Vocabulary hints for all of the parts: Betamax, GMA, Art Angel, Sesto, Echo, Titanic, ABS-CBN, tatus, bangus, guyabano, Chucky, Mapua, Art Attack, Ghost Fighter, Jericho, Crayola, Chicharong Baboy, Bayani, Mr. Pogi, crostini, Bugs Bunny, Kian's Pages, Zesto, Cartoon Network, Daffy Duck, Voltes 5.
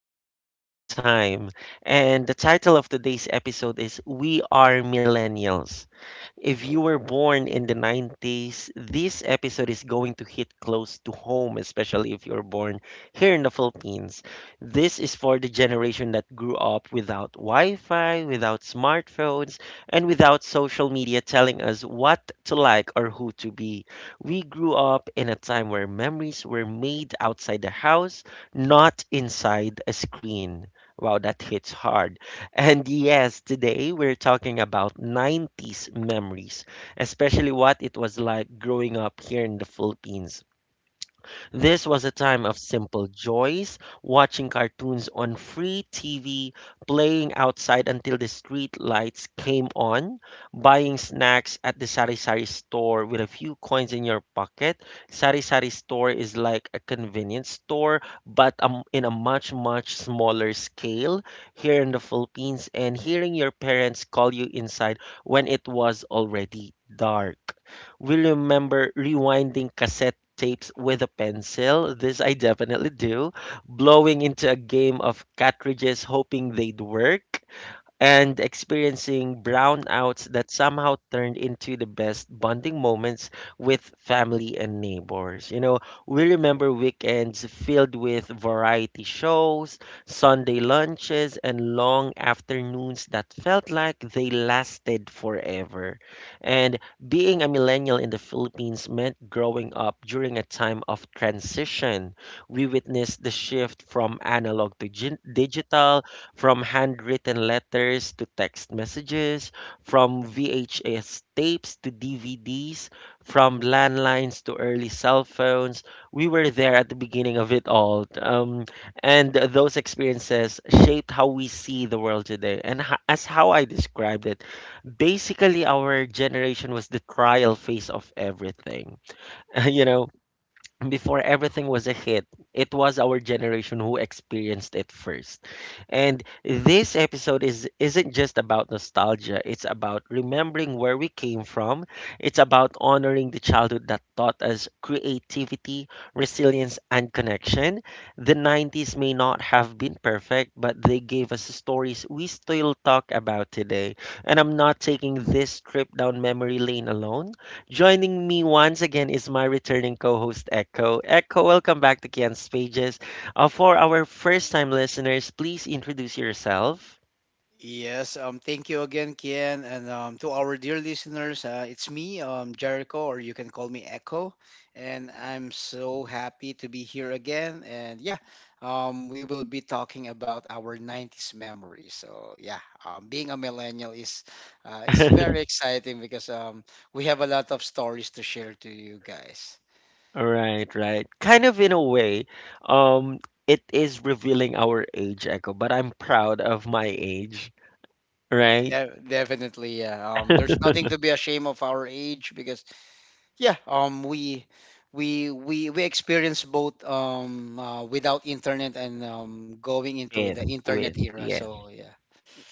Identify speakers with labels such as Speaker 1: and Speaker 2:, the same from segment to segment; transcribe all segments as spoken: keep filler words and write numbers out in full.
Speaker 1: we're going back in time, and the title of today's episode is We Are Millennials. If you were born in the nineties, this episode is going to hit close to home, especially if you're born here in the Philippines. This is for the generation that grew up without Wi Fi, without smartphones, and without social media telling us what to like or who to be. We grew up in a time where memories were made outside the house, not inside a screen. Wow, that hits hard. And yes, today we're talking about nineties memories, especially what it was like growing up here in the Philippines. This was a time of simple joys, watching cartoons on free T V, playing outside until the street lights came on, buying snacks at the Sari Sari store with a few coins in your pocket. Sari Sari store is like a convenience store, but um, in a much, much smaller scale here in the Philippines, and hearing your parents call you inside when it was already dark. We remember rewinding cassette tapes with a pencil. This I definitely do. Blowing into a game of cartridges, hoping they'd work and experiencing brownouts that somehow turned into the best bonding moments with family and neighbors. You know, we remember weekends filled with variety shows, Sunday lunches, and long afternoons that felt like they lasted forever. And being a millennial in the Philippines meant growing up during a time of transition. We witnessed the shift from analog to gin- digital, from handwritten letters to text messages, from V H S tapes to D V Ds, from landlines to early cell phones, we were there at the beginning of it all. Um, and those experiences shaped how we see the world today. And ho- as how I described it, basically, our generation was the trial phase of everything. You know, before everything was a hit, it was our generation who experienced it first. And this episode is isn't just about nostalgia, it's about remembering where we came from. It's about honoring the childhood that taught us creativity, resilience, and connection. The nineties may not have been perfect, but they gave us stories we still talk about today. And I'm not taking this trip down memory lane alone. Joining me once again is my returning co host, Echo. Echo, welcome back to Kian's Pages. Uh, for our first time listeners, please introduce yourself.
Speaker 2: Yes, um, thank you again, Kian, and um, to our dear listeners, uh, it's me, um, Jericho, or you can call me Echo, and I'm so happy to be here again. And yeah, um, we will be talking about our nineties memories. So yeah, um, being a millennial is uh, is very exciting because um, we have a lot of stories to share to you guys.
Speaker 1: Right, right. Kind of in a way, um, it is revealing our age, Echo, but I'm proud of my age, right?
Speaker 2: De- definitely, yeah. Um, there's nothing to be ashamed of our age because Yeah, um, we we we we experienced both um uh, without internet and um going into
Speaker 1: With,
Speaker 2: the
Speaker 1: with,
Speaker 2: internet era.
Speaker 1: yeah.
Speaker 2: So yeah,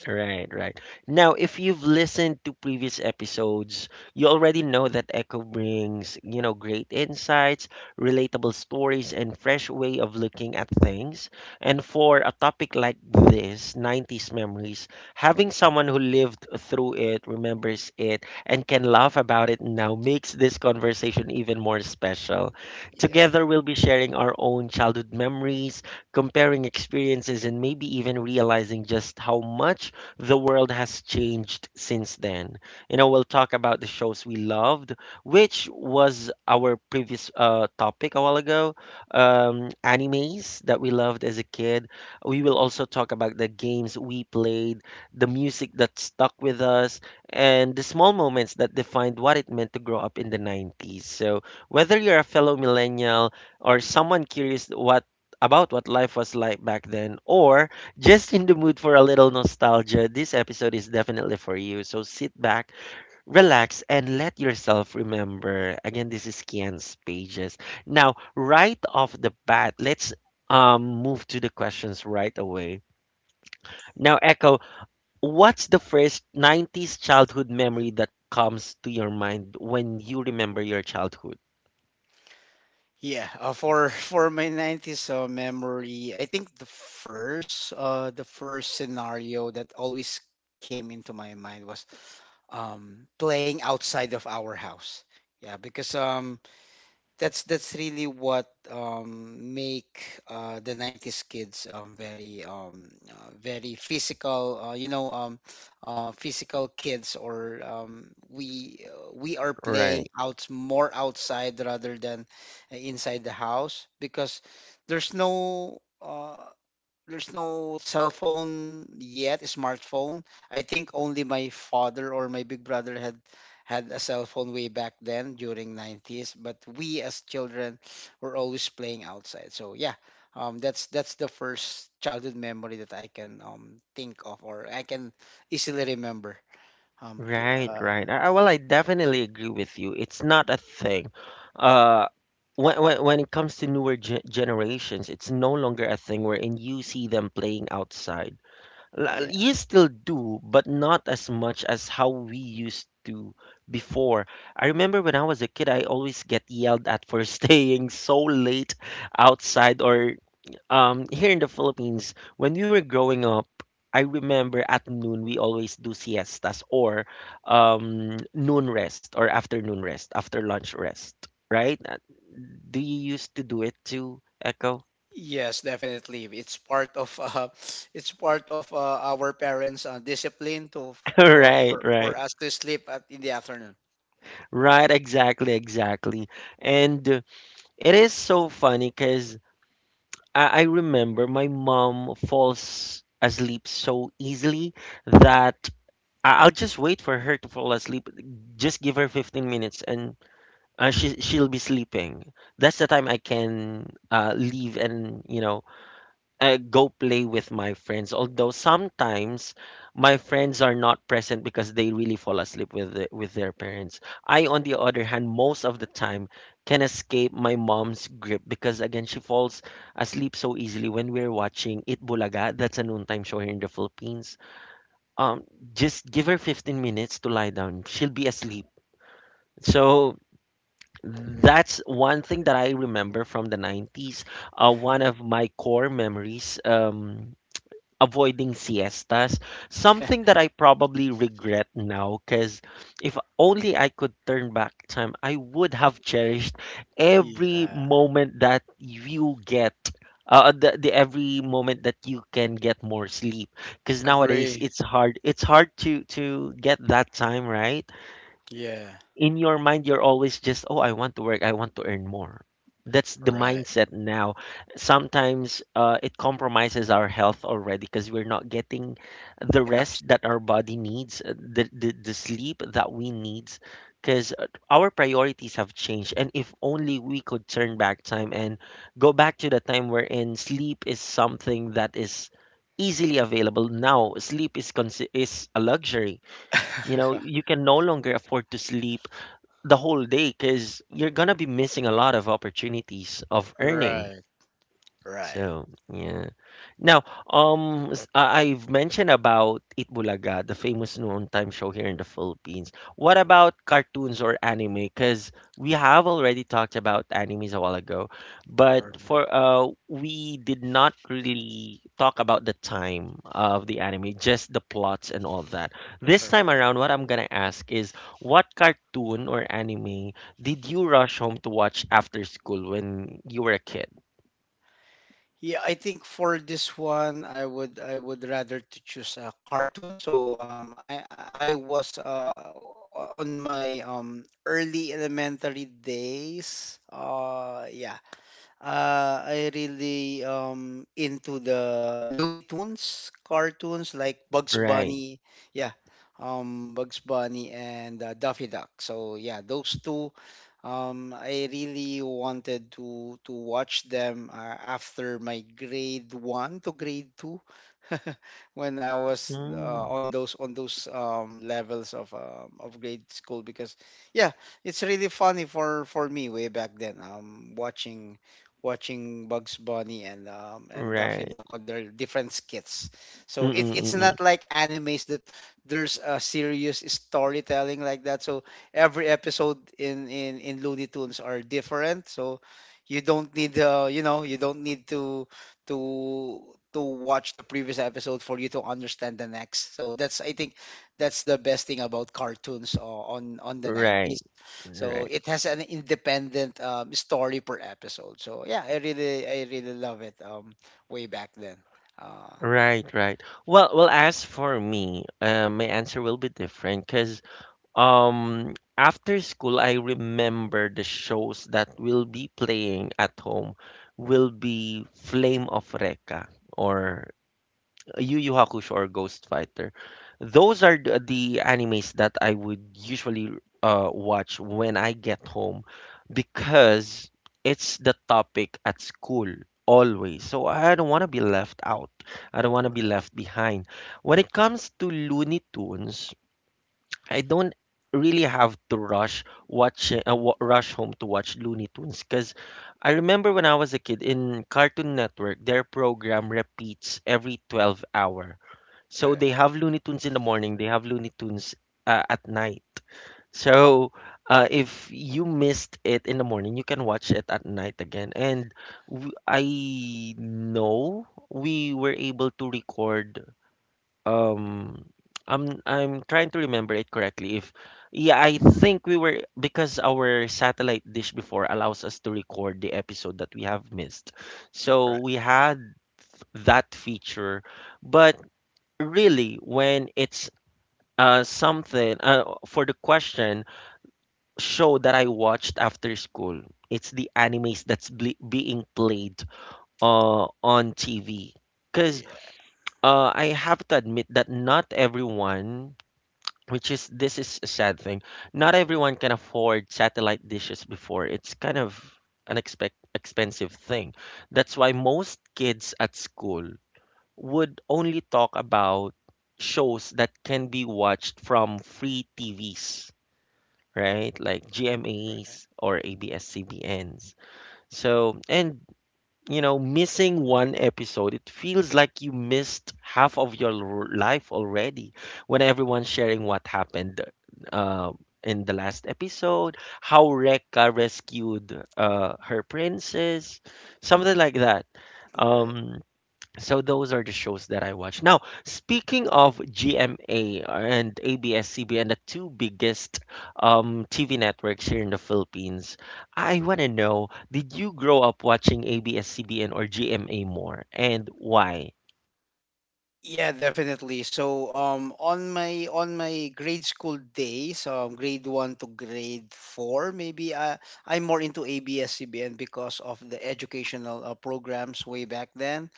Speaker 1: Right, right. Now, if you've listened to previous episodes, you already know that Echo brings, you know, great insights, relatable stories, and fresh way of looking at things. And for a topic like this, nineties memories, having someone who lived through it, remembers it, and can laugh about it now makes this conversation even more special.
Speaker 2: yeah.
Speaker 1: Together, we'll be sharing our own childhood memories, comparing experiences, and maybe even realizing just how much the world has changed since then. You know, we'll talk about the shows we loved, which was our previous uh, topic a while ago, um, animes that we loved as a kid. We will also talk about the games we played, the music that stuck with us, and the small moments that defined what it meant to grow up in the nineties. So, whether you're a fellow millennial or someone curious what about what life was like back then, or just in the mood for a little nostalgia, this episode is definitely for you. So sit back, relax, and let yourself remember. Again, this is Kian's Pages. Now, right off the bat, let's um, move to the questions right away. Now, Echo, what's the first nineties childhood memory that comes to your mind when you remember your childhood?
Speaker 2: yeah. Uh, for for my nineties uh, memory, I think the first uh the first scenario that always came into my mind was um playing outside of our house. Yeah, because um that's that's really what um, make uh, the nineties kids um, very um, uh, very physical uh, you know um, uh, physical kids or um, we uh, we are playing
Speaker 1: Right.
Speaker 2: out more outside rather than uh, inside the house because there's no uh, there's no cell phone yet, smartphone. I think only my father or my big brother had had a cell phone way back then during nineties, but we as children were always playing outside. So yeah, um, that's that's the first childhood memory that I can um, think of or I can easily remember. Um, pl-
Speaker 1: Right,
Speaker 2: uh,
Speaker 1: right. I, I- well, I definitely agree with you. It's not a thing. Uh, when, when, when it comes to newer ge generations, it's no longer a thing wherein you see them playing outside. L-
Speaker 2: yeah.
Speaker 1: You still do, but not as much as how we used to before. I remember when I was a kid, I always get yelled at for staying so late outside or um, here in the Philippines, when we were growing up, I remember at noon we always do siestas or um, noon rest or afternoon rest, after lunch rest, right? Uh, Do you used to do it too, Echo?
Speaker 2: Yes, definitely. It's part of uh, it's part of uh, our parents' uh, discipline to to uh,
Speaker 1: Right,
Speaker 2: for, for
Speaker 1: right,
Speaker 2: us to sleep at, in the afternoon.
Speaker 1: right, exactly, exactly. And uh, it is so funny because I, I remember my mom falls asleep so easily that I- I'll just wait for her to fall asleep. Just give her fifteen minutes and uh, she she'll be sleeping. That's the time I can uh, leave and, you know, uh, go play with my friends. Although sometimes my friends are not present because they really fall asleep with the, with their parents. I, on the other hand, most of the time can escape my mom's grip because again she falls asleep so easily when we're watching It Bulaga. That's a noontime show here in the Philippines. um just give her fifteen minutes to lie down, she'll be asleep. So that's one thing that I remember from the nineties. Uh, one of my core memories, um, avoiding siestas, something that I probably regret now because if only I could turn back time, I would have cherished every
Speaker 2: yeah.
Speaker 1: moment that you get. Uh, the, the every moment that you can get more sleep, because nowadays
Speaker 2: Agree.
Speaker 1: it's hard it's hard to to get that time, right?
Speaker 2: Yeah.
Speaker 1: In your mind you're always just, oh, I want to work, I want to earn more. That's the
Speaker 2: Right.
Speaker 1: mindset now. Sometimes uh, it compromises our health already because we're not getting the
Speaker 2: Enough
Speaker 1: rest
Speaker 2: sleep.
Speaker 1: that our body needs, uh, the, the, the sleep that we need, because our priorities have changed. And if only we could turn back time and go back to the time wherein sleep is something that is easily available. Now sleep is consi- is a luxury. You know, you can no longer afford to sleep the whole day because you're gonna be missing a lot of opportunities of earning.
Speaker 2: right. Right.
Speaker 1: So, yeah. Now, um, s- I- I've mentioned about Itbulaga, the famous noon time show here in the Philippines. What about cartoons or anime? Because we have already talked about animes a while ago, but
Speaker 2: Right.
Speaker 1: for uh, we did not really talk about the time of the anime, just the plots and all that. This time
Speaker 2: Right.
Speaker 1: around, what I'm gonna ask is, what cartoon or anime did you rush home to watch after school when you were a kid?
Speaker 2: Yeah, I think for this one, I would I would rather to choose a cartoon. So um, I I I was uh on my um early elementary days. Uh, yeah, Uh, I really um into the Looney Tunes cartoons like Bugs
Speaker 1: Right.
Speaker 2: Bunny, yeah, um Bugs Bunny and uh, Daffy Duck. So yeah, those two, um, I really wanted to to watch them uh, after my grade one to grade two, when I was uh,
Speaker 1: Mm,
Speaker 2: on those on those um levels of um, of grade school because yeah, it's really funny for for me way back then. Um, watching watching Bugs Bunny and um, and Daffy
Speaker 1: right.
Speaker 2: Duck on their different skits. So it,
Speaker 1: Mm-mm,
Speaker 2: it's
Speaker 1: mm.
Speaker 2: not like animes that there's a serious storytelling like that. So every episode in in in Looney Tunes are different. So you don't need uh, you know you don't need to to to watch the previous episode for you to understand the next. So that's I think that's the best thing about cartoons uh, on on the nineties
Speaker 1: Right,
Speaker 2: so
Speaker 1: right,
Speaker 2: it has an independent um, story per episode. So yeah, I really I really love it um way back then. Uh
Speaker 1: right, right. Well, well, as for me, uh, my answer will be different because um, after school, I remember the shows that will be playing at home will be Flame of Recca or Yu Yu Hakusho or Ghost Fighter. Those are the, the animes that I would usually uh, watch when I get home because it's the topic at school always. So I don't want to be left out. I don't want to be left behind. When it comes to Looney Tunes, I don't really have to rush watch uh, wa- rush home to watch Looney Tunes because I remember when I was a kid in Cartoon Network, their program repeats every twelve hour. So
Speaker 2: right,
Speaker 1: they have Looney Tunes in the morning, they have Looney Tunes uh, at night. So uh, if you missed it in the morning, you can watch it at night again. And w- I know we were able to record. Um, I'm I'm trying to remember it correctly. If yeah, I think we were, because our satellite dish before allows us to record the episode that we have missed. So we had that feature, but really when it's uh, something uh, for the question, show that I watched after school. It's the animes that's ble- being played uh, on T V. Because
Speaker 2: yeah,
Speaker 1: uh, I have to admit that not everyone, which is this is a sad thing, not everyone can afford satellite dishes before. It's kind of an expect expensive thing. That's why most kids at school would only talk about shows that can be watched from free T Vs, right? Like
Speaker 2: right.
Speaker 1: G M As or A B S-C B Ns. So, and you know, missing one episode, it feels like you missed half of your l- life already when everyone's sharing what happened uh, in the last episode, how Rekka rescued uh, her princess, something like that.
Speaker 2: Right.
Speaker 1: Um, so those are the shows that I watch. Now, speaking of G M A and ABS-CBN, the two biggest um, T V networks here in the Philippines, I
Speaker 2: Right.
Speaker 1: want to know, did you grow up watching A B S-C B N or G M A more, and why?
Speaker 2: Yeah, definitely. So, um, on my on my grade school days, um, grade one to grade four, maybe I I'm more into A B S-C B N because of the educational uh, programs way back then,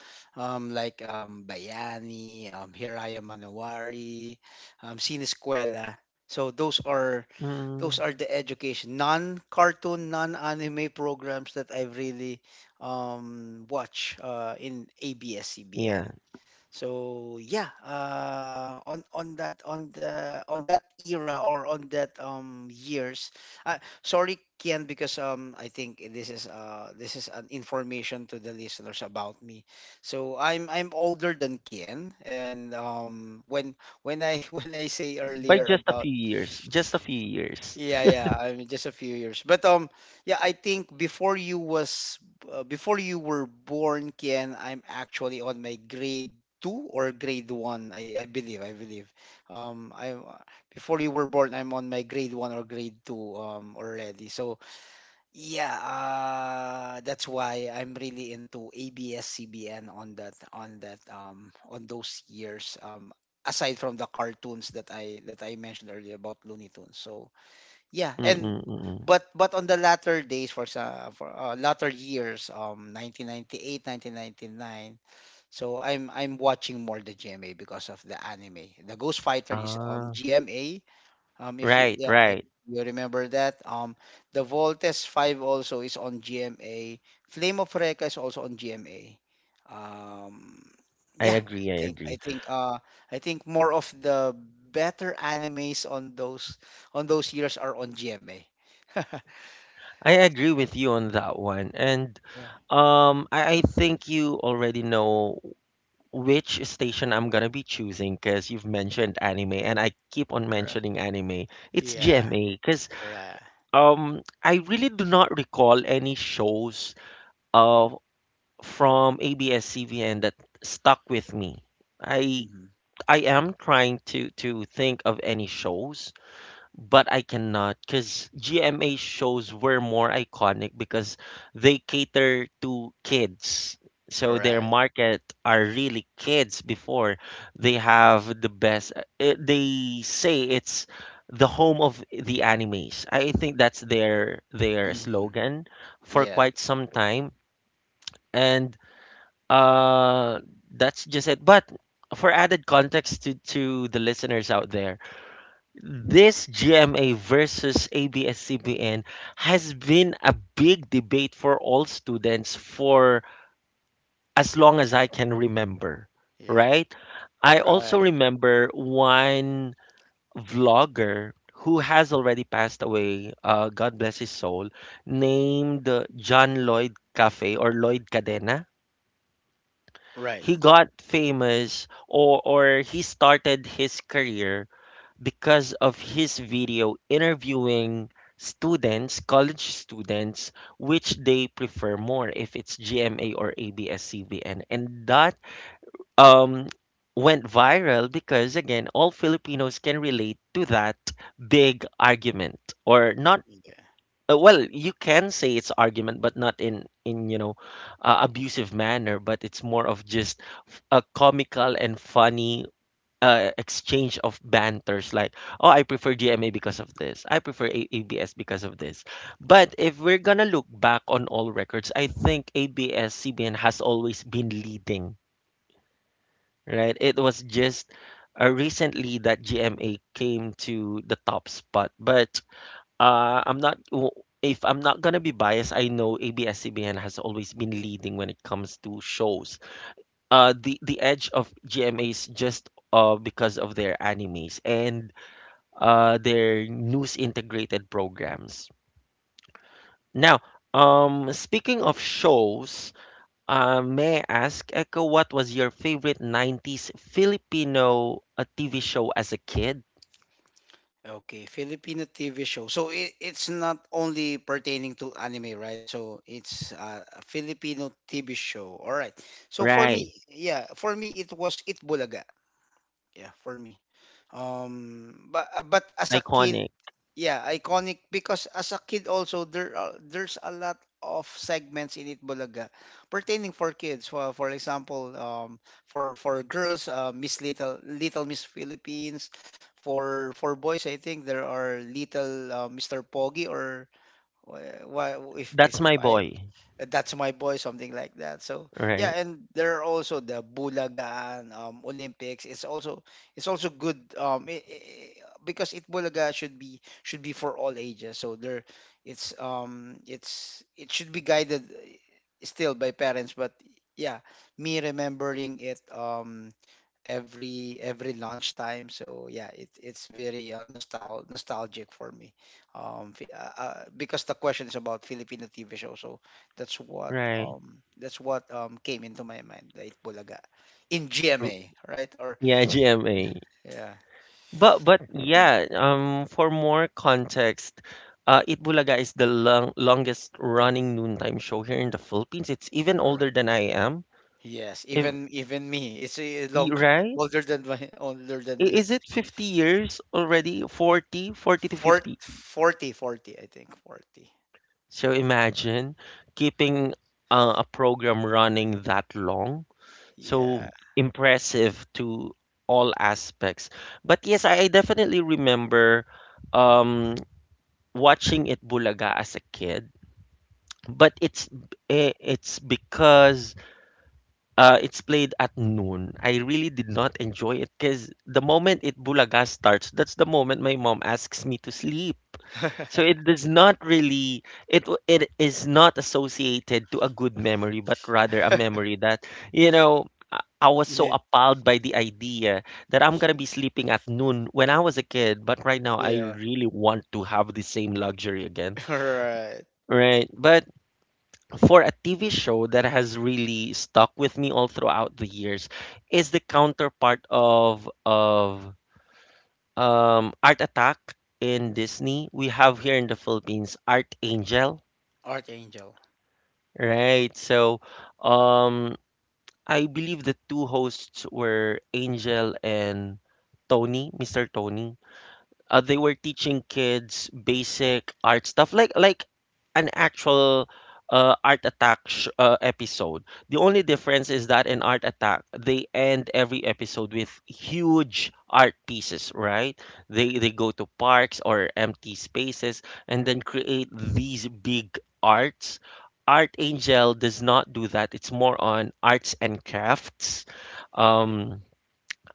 Speaker 2: um, like um, Bayani, um, Hiraya Manowari, um, Sinescuela. So those are those
Speaker 1: Mm,
Speaker 2: are the education non-cartoon, non-anime programs that I've really um watch uh in A B S-C B N.
Speaker 1: yeah,
Speaker 2: So yeah, uh, on on that on the on that era or on that um years, uh, sorry Kian because um I think this is uh this is an information to the listeners about me. So I'm I'm older than Kian, and um when when I when I say
Speaker 1: by
Speaker 2: earlier
Speaker 1: just a
Speaker 2: about
Speaker 1: few years, just a few years.
Speaker 2: yeah, yeah, I mean, just a few years. But um, yeah, I think before you was uh, before you were born, Kian, I'm actually on my grade two or grade one. I, I believe, I believe. Um, I before you were born, I'm on my grade one or grade two um already. So yeah, uh, that's why I'm really into A B S-C B N on that on that um on those years. Um, aside from the cartoons that I that I mentioned earlier about Looney Tunes. So yeah, and
Speaker 1: Mm-mm-mm.
Speaker 2: but but on the latter days for sa for uh, latter years um nineteen ninety eight, nineteen ninety nine. So i'm i'm watching more the GMA because of the anime. The ghost fighter is on
Speaker 1: Ah,
Speaker 2: GMA. Um, if you,
Speaker 1: right,
Speaker 2: yeah, I,
Speaker 1: right.
Speaker 2: you remember that. Um, the Voltes five also is on G M A. Flame of Reka is also on G M A. Um,
Speaker 1: I
Speaker 2: yeah, I
Speaker 1: agree, I
Speaker 2: think I
Speaker 1: agree.
Speaker 2: think uh, I think more of the better animes on those on those years are on G M A.
Speaker 1: I agree with you on that one. And
Speaker 2: yeah.
Speaker 1: um, I, I think you already know which station I'm gonna be choosing because you've mentioned anime and I keep on
Speaker 2: Right.
Speaker 1: mentioning anime. It's
Speaker 2: Yeah.
Speaker 1: G M A because
Speaker 2: Right.
Speaker 1: um I really do not recall any shows uh from A B S-C B N that stuck with me. I
Speaker 2: Mhm.
Speaker 1: I am trying to to think of any shows, but I cannot because G M A shows were more iconic because they cater to kids.
Speaker 2: All
Speaker 1: So their
Speaker 2: right.
Speaker 1: market are really kids before. They have the best. Uh, they say it's the home of the animes. I think that's their their
Speaker 2: Mhm.
Speaker 1: slogan for
Speaker 2: Yeah.
Speaker 1: quite some time. And uh, that's just it. But for added context to, to the listeners out there, this G M A versus A B S-C B N has been a big debate for all students for as long as I can remember,
Speaker 2: Yeah.
Speaker 1: right? I also
Speaker 2: Right.
Speaker 1: remember one vlogger who has already passed away, uh, God bless his soul, named uh, John Lloyd Cafe or Lloyd Cadena.
Speaker 2: Right.
Speaker 1: He got famous, or, or he started his career because of his video interviewing students, college students, which they prefer more if it's G M A or A B S-C B N. And that um, went viral because, again, all Filipinos can relate to that big argument or not. uh, Well, you can say it's argument, but not in in you know uh, abusive manner. But it's more of just f- a comical and funny uh, exchange of banters like, oh, I prefer GMA because of this, I prefer A- ABS because of this. But if we're gonna look back on all records, I think abs cbn has always been leading, right? It was just uh, recently that GMA came to the top spot. But uh, I'm not w- if I'm not gonna be biased, I know abs cbn has always been leading when it comes to shows. uh the the edge of GMA is just uh because of their animes and uh, their news integrated programs. Now, um, speaking of shows, uh, may I ask, Echo, what was your favorite nineties Filipino uh, T V show as a kid?
Speaker 2: Okay, Filipino T V show. So it, it's not only pertaining to anime, right? So it's uh, a Filipino T V show. All right. So for
Speaker 1: Right,
Speaker 2: me, yeah, for me it was It Bulaga. Yeah, for me um but uh, but as a kid
Speaker 1: iconic.
Speaker 2: yeah iconic, because as a kid also there are, there's a lot of segments in It Bulaga pertaining for kids, for for example um for for girls, uh, Miss Little Little Miss Philippines, for for boys I think there are Little uh, Mister Pogi or uh, why if if
Speaker 1: That's
Speaker 2: if
Speaker 1: my
Speaker 2: I
Speaker 1: boy.
Speaker 2: uh, that's my boy, something like that. So yeah,
Speaker 1: Right,
Speaker 2: and there are also the bulagaan um, olympics. It's also it's also good. Um I I Because It Bulaga should be should be for all ages, so there it's um it's it should be guided uh, still by parents, but yeah, me remembering it um every every lunchtime. So yeah, it, it's very uh, nostal nostalgic for me. Um, fi- uh, uh, because the question is about Filipino T V show, so that's what
Speaker 1: right.
Speaker 2: um that's what um came into my mind. The Itbulaga in
Speaker 1: R-
Speaker 2: G M A, right? Or
Speaker 1: Yeah, G M A.
Speaker 2: yeah.
Speaker 1: But but yeah, um, for more context, uh, Itbulaga is the long, longest running noontime show here in the Philippines. It's even
Speaker 2: Alright.
Speaker 1: older than I am.
Speaker 2: Yes,
Speaker 1: If
Speaker 2: even even me. It's uh,
Speaker 1: y-
Speaker 2: long
Speaker 1: right?
Speaker 2: older than my older
Speaker 1: I-
Speaker 2: than me.
Speaker 1: Is it fifty years already? Forty, forty to
Speaker 2: Fort,
Speaker 1: fifty.
Speaker 2: 40, forty, I think forty.
Speaker 1: So imagine keeping uh, a program running that long.
Speaker 2: Yeah.
Speaker 1: So impressive to all aspects. But yes, I, I definitely remember um, watching it Bulaga as a kid. But it's eh, it's because uh, it's played at noon. I really did not enjoy it because the moment it Bulaga starts, that's the moment my mom asks me to sleep. So it does not really it w- it is not associated to a good memory, but rather a memory that, you know, I, I was
Speaker 2: You
Speaker 1: so
Speaker 2: did-
Speaker 1: appalled by the idea that I'm gonna be sleeping at noon when I was a kid, but right now I
Speaker 2: Yeah.
Speaker 1: really want to have the same luxury again,
Speaker 2: All right.
Speaker 1: right? But for a T V show that has really stuck with me all throughout the years is the counterpart of of um Art Attack in Disney. We have here in the Philippines Art Angel.
Speaker 2: Archangel.
Speaker 1: Right. So, um, I believe the two hosts were Angel and Tony, mister Tony. Uh, they were teaching kids basic art stuff like like an actual uh, art attack sh- uh, episode. The only difference is that in Art Attack they end every episode with huge art pieces, right? They they go to parks or empty spaces and then create these big arts. Art Angel does not do that. It's more on arts and crafts. um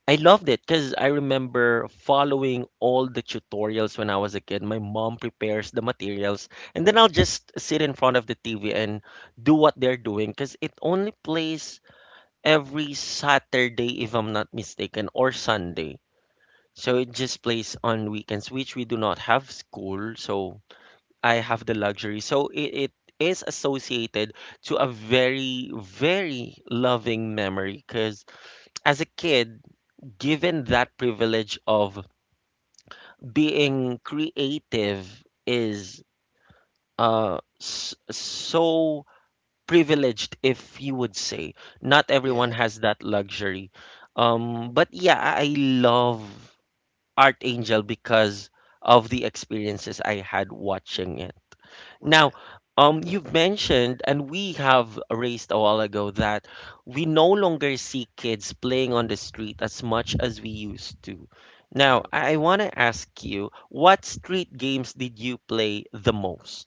Speaker 1: I loved it because I remember following all the tutorials when I was a kid. My mom prepares the materials, and then I'll just sit in front of the T V and do what they're doing because it only plays every Saturday, if I'm not mistaken, or Sunday. So it just plays on weekends, which we do not have school. So I have the luxury. So it, it is associated to a very, very loving memory because as a kid, given that privilege of being creative is uh s- so privileged, if you would say. Not everyone has that luxury. Um but yeah, i I love Art Angel because of the experiences I had watching it. Now,
Speaker 2: Right.
Speaker 1: um, you've mentioned, and we have raised a while ago, that we no longer see kids playing on the street as much as we used to. Now,
Speaker 2: Alright.
Speaker 1: I want to ask you, what street games did you play the most?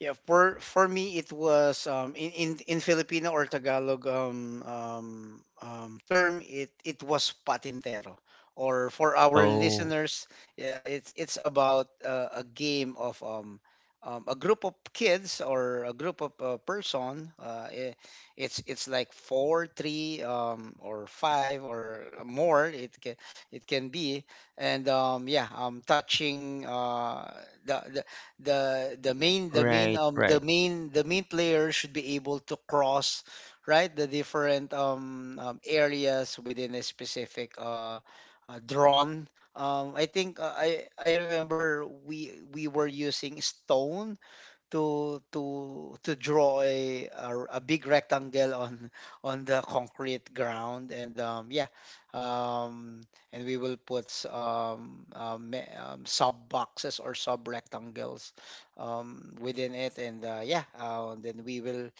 Speaker 2: Yeah, for for me it was um in in, in Filipino or Tagalog um, um um term it it was patintero. Or for our
Speaker 1: Oh,
Speaker 2: listeners, yeah, it's it's about uh, a game of um, um a group of kids or a group of uh, person. Uh, i- it's it's like four, three, um, or five or more. It can it can be and um, yeah, um, touching uh, the, the the main the main
Speaker 1: right,
Speaker 2: um the
Speaker 1: right,
Speaker 2: main the main player should be able to cross right the different um, um areas within a specific uh, uh drawn um i think uh, I I remember we we were using stone to to to draw a, a a big rectangle on on the concrete ground and um yeah um and we will put s- um, um, me- um sub boxes or sub rectangles um within it and uh, yeah uh, then we will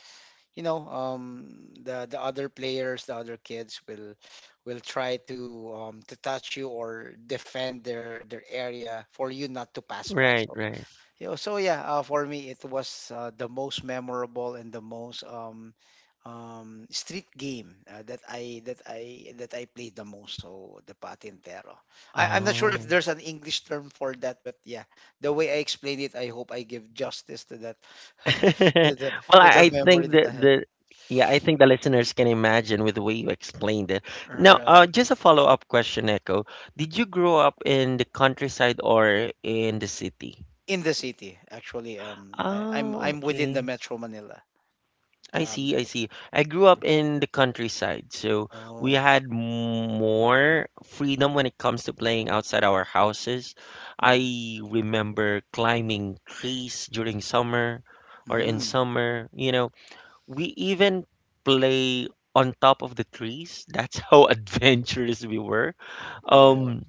Speaker 2: you know um the the other players, the other kids will will try to um to touch you or defend their their area for you not to pass by.
Speaker 1: right,
Speaker 2: So
Speaker 1: right.
Speaker 2: yeah, so yeah, uh, for me it was uh, the most memorable and the most um, um, street game uh, that I that I that I played the most. So the patintero. I, I'm not sure if
Speaker 1: Oh.
Speaker 2: there's an English term for that, but yeah, the way I explained it, I hope I give justice to that to the
Speaker 1: Well,
Speaker 2: to
Speaker 1: I,
Speaker 2: the
Speaker 1: I
Speaker 2: memory
Speaker 1: think
Speaker 2: that
Speaker 1: the
Speaker 2: I had.
Speaker 1: the yeah, I think the listeners can imagine with the way you explained it. Now,
Speaker 2: Alright.
Speaker 1: uh, just a follow-up question, Echo. Did you grow up in the countryside or in the city?
Speaker 2: In the city, actually, um, I, I'm
Speaker 1: Oh,
Speaker 2: I'm within the
Speaker 1: okay.
Speaker 2: Metro Manila.
Speaker 1: I see, I
Speaker 2: Um,
Speaker 1: see. I grew up in the countryside, so we
Speaker 2: oh,
Speaker 1: had more freedom when it comes to playing outside our houses.
Speaker 2: alright.
Speaker 1: I remember climbing trees during summer or in
Speaker 2: Mm,
Speaker 1: summer, you know, we even play on top of the trees. That's how adventurous we were.
Speaker 2: yeah.
Speaker 1: Um,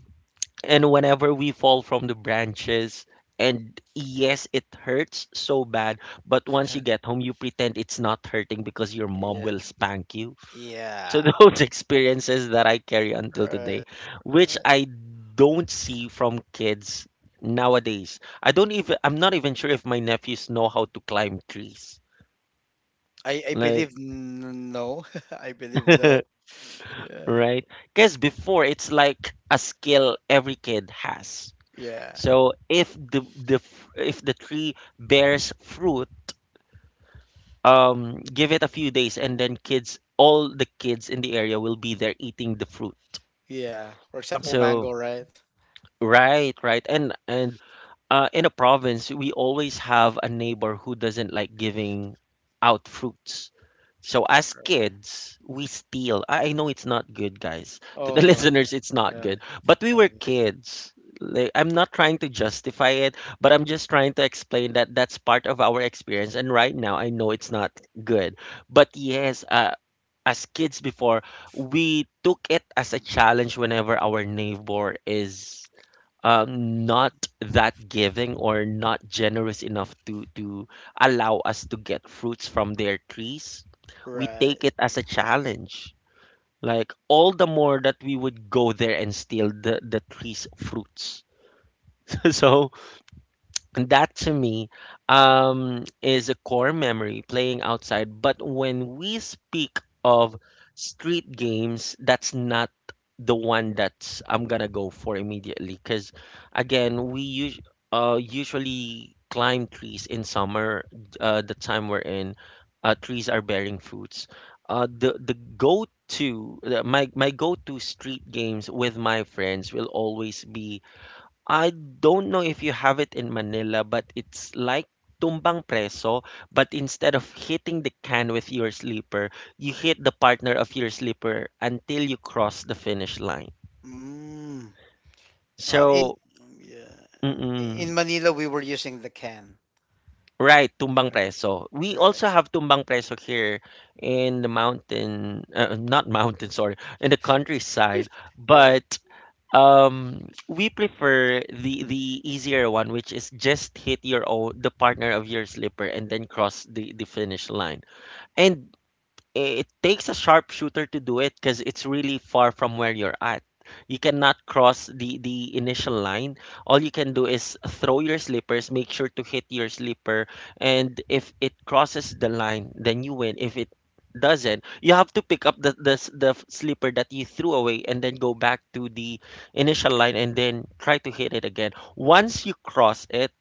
Speaker 1: and whenever we fall from the branches, and yes, it hurts so bad, but once you get home, you pretend it's not hurting because your mom
Speaker 2: Yeah,
Speaker 1: will spank you. So
Speaker 2: yeah.
Speaker 1: those experiences that I carry until
Speaker 2: Right,
Speaker 1: today, which
Speaker 2: right.
Speaker 1: I don't see from kids nowadays. I don't even I'm not even sure if my nephews know how to climb trees.
Speaker 2: I I
Speaker 1: Like
Speaker 2: believe n- no. I believe no. Yeah,
Speaker 1: right? Because before it's like a skill every kid has.
Speaker 2: yeah,
Speaker 1: So if the the f- if the tree bears fruit, um, give it a few days, and then kids, all the kids in the area will be there eating the fruit.
Speaker 2: yeah. For example, mango,
Speaker 1: So
Speaker 2: right?
Speaker 1: right, right, and and uh, in a province, we always have a neighbor who doesn't like giving out fruits. So as
Speaker 2: Yeah.
Speaker 1: kids, we steal. I I know it's not good, guys. To
Speaker 2: Oh
Speaker 1: the
Speaker 2: no.
Speaker 1: listeners, it's
Speaker 2: Uh,
Speaker 1: not
Speaker 2: Yeah.
Speaker 1: good. But
Speaker 2: It's
Speaker 1: we
Speaker 2: not
Speaker 1: were
Speaker 2: good.
Speaker 1: kids. Like, I'm not trying to justify it, but I'm just trying to explain that that's part of our experience. And right now, I know it's not good. But yes, uh, as kids before, we took it as a challenge whenever our neighbor is uh, not that giving or not generous enough to to allow us to get fruits from their trees, we
Speaker 2: Right.
Speaker 1: take it as a challenge. Like all the more that we would go there and steal the the tree's fruits. So that to me um, is a core memory playing outside. But when we speak of street games, that's not the one that's I'm gonna go for immediately. Because again, we us uh, usually climb trees in summer, uh, the time we're in. Uh, trees are bearing fruits. Uh, the the go to the, my my go to street games with my friends will always be, I don't know if you have it in Manila, but it's like tumbang preso, but instead of hitting the can with your slipper, you hit the partner of your slipper until you cross the finish line.
Speaker 2: Mm. Uh, in
Speaker 1: So,
Speaker 2: yeah. I-
Speaker 1: mm-mm,
Speaker 2: In Manila, we were using the can.
Speaker 1: right, tumbang
Speaker 2: Uh,
Speaker 1: preso. We
Speaker 2: Right.
Speaker 1: also have tumbang preso here in the mountain, uh, not mountain, sorry, in the countryside,
Speaker 2: Yeah.
Speaker 1: but Um, we prefer the the easier one, which is just hit your own the partner of your slipper and then cross the the finish line. And it takes a sharpshooter to do it because it's really far from where you're at. You cannot cross the the initial line. All you can do is throw your slippers, make sure to hit your slipper, and if it crosses the line, then you win. If it doesn't, you have to pick up the the, s- the f- slipper that you threw away and then go back to the initial line and then try to hit it again. Once you cross it,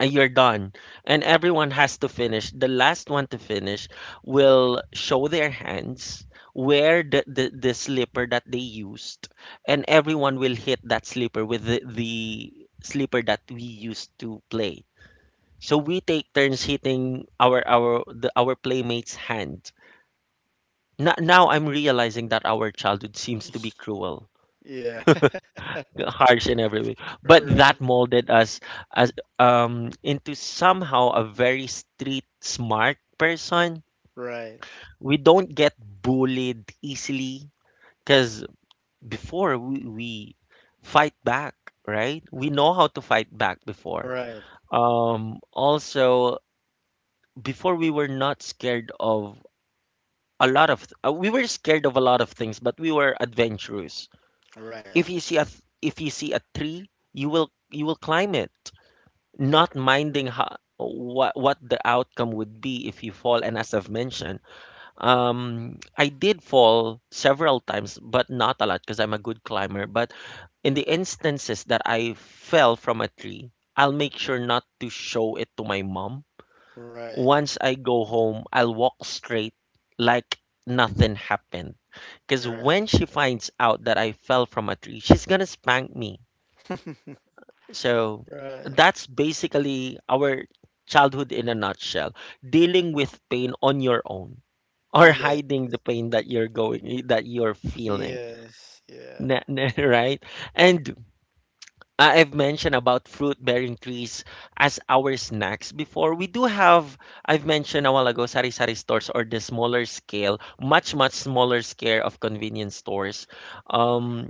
Speaker 1: and you're done. And everyone has to finish. The last one to finish will show their hands, where the, the, the slipper that they used, and everyone will hit that slipper with the, the slipper that we used to play. So we take turns hitting our our the, our playmates' hand. Now, now I'm realizing that our childhood seems to be cruel.
Speaker 2: Yeah.
Speaker 1: Harsh in every way, but that
Speaker 2: Right.
Speaker 1: molded us as um into somehow a very street smart person.
Speaker 2: Right.
Speaker 1: We don't get bullied easily because before we, we fight back. Right, we know how to fight back before.
Speaker 2: Right.
Speaker 1: Um also before, we were not scared of a lot of uh, we were scared of a lot of things, but we were adventurous.
Speaker 2: Right.
Speaker 1: If you see a th- if you see a tree, you will you will climb it, not minding how what what the outcome would be if you fall. And as I've mentioned, um I did fall several times, but not a lot because I'm a good climber. But in the instances that I fell from a tree, I'll make sure not to show it to my mom.
Speaker 2: Right.
Speaker 1: Once I go home, I'll walk straight like nothing happened, because
Speaker 2: You're
Speaker 1: when
Speaker 2: right.
Speaker 1: she finds out that I fell from a tree, she's gonna spank me. So
Speaker 2: Right.
Speaker 1: that's basically our childhood in a nutshell. Dealing with pain on your own or
Speaker 2: Yeah.
Speaker 1: hiding the pain that you're going that you're feeling.
Speaker 2: Yes. Yeah.
Speaker 1: N- n- right? And I- I've mentioned about fruit bearing trees as our snacks before. We do have, I've mentioned a while ago, sari-sari stores, or the smaller scale, much much smaller scale of convenience stores.
Speaker 2: All right.
Speaker 1: Um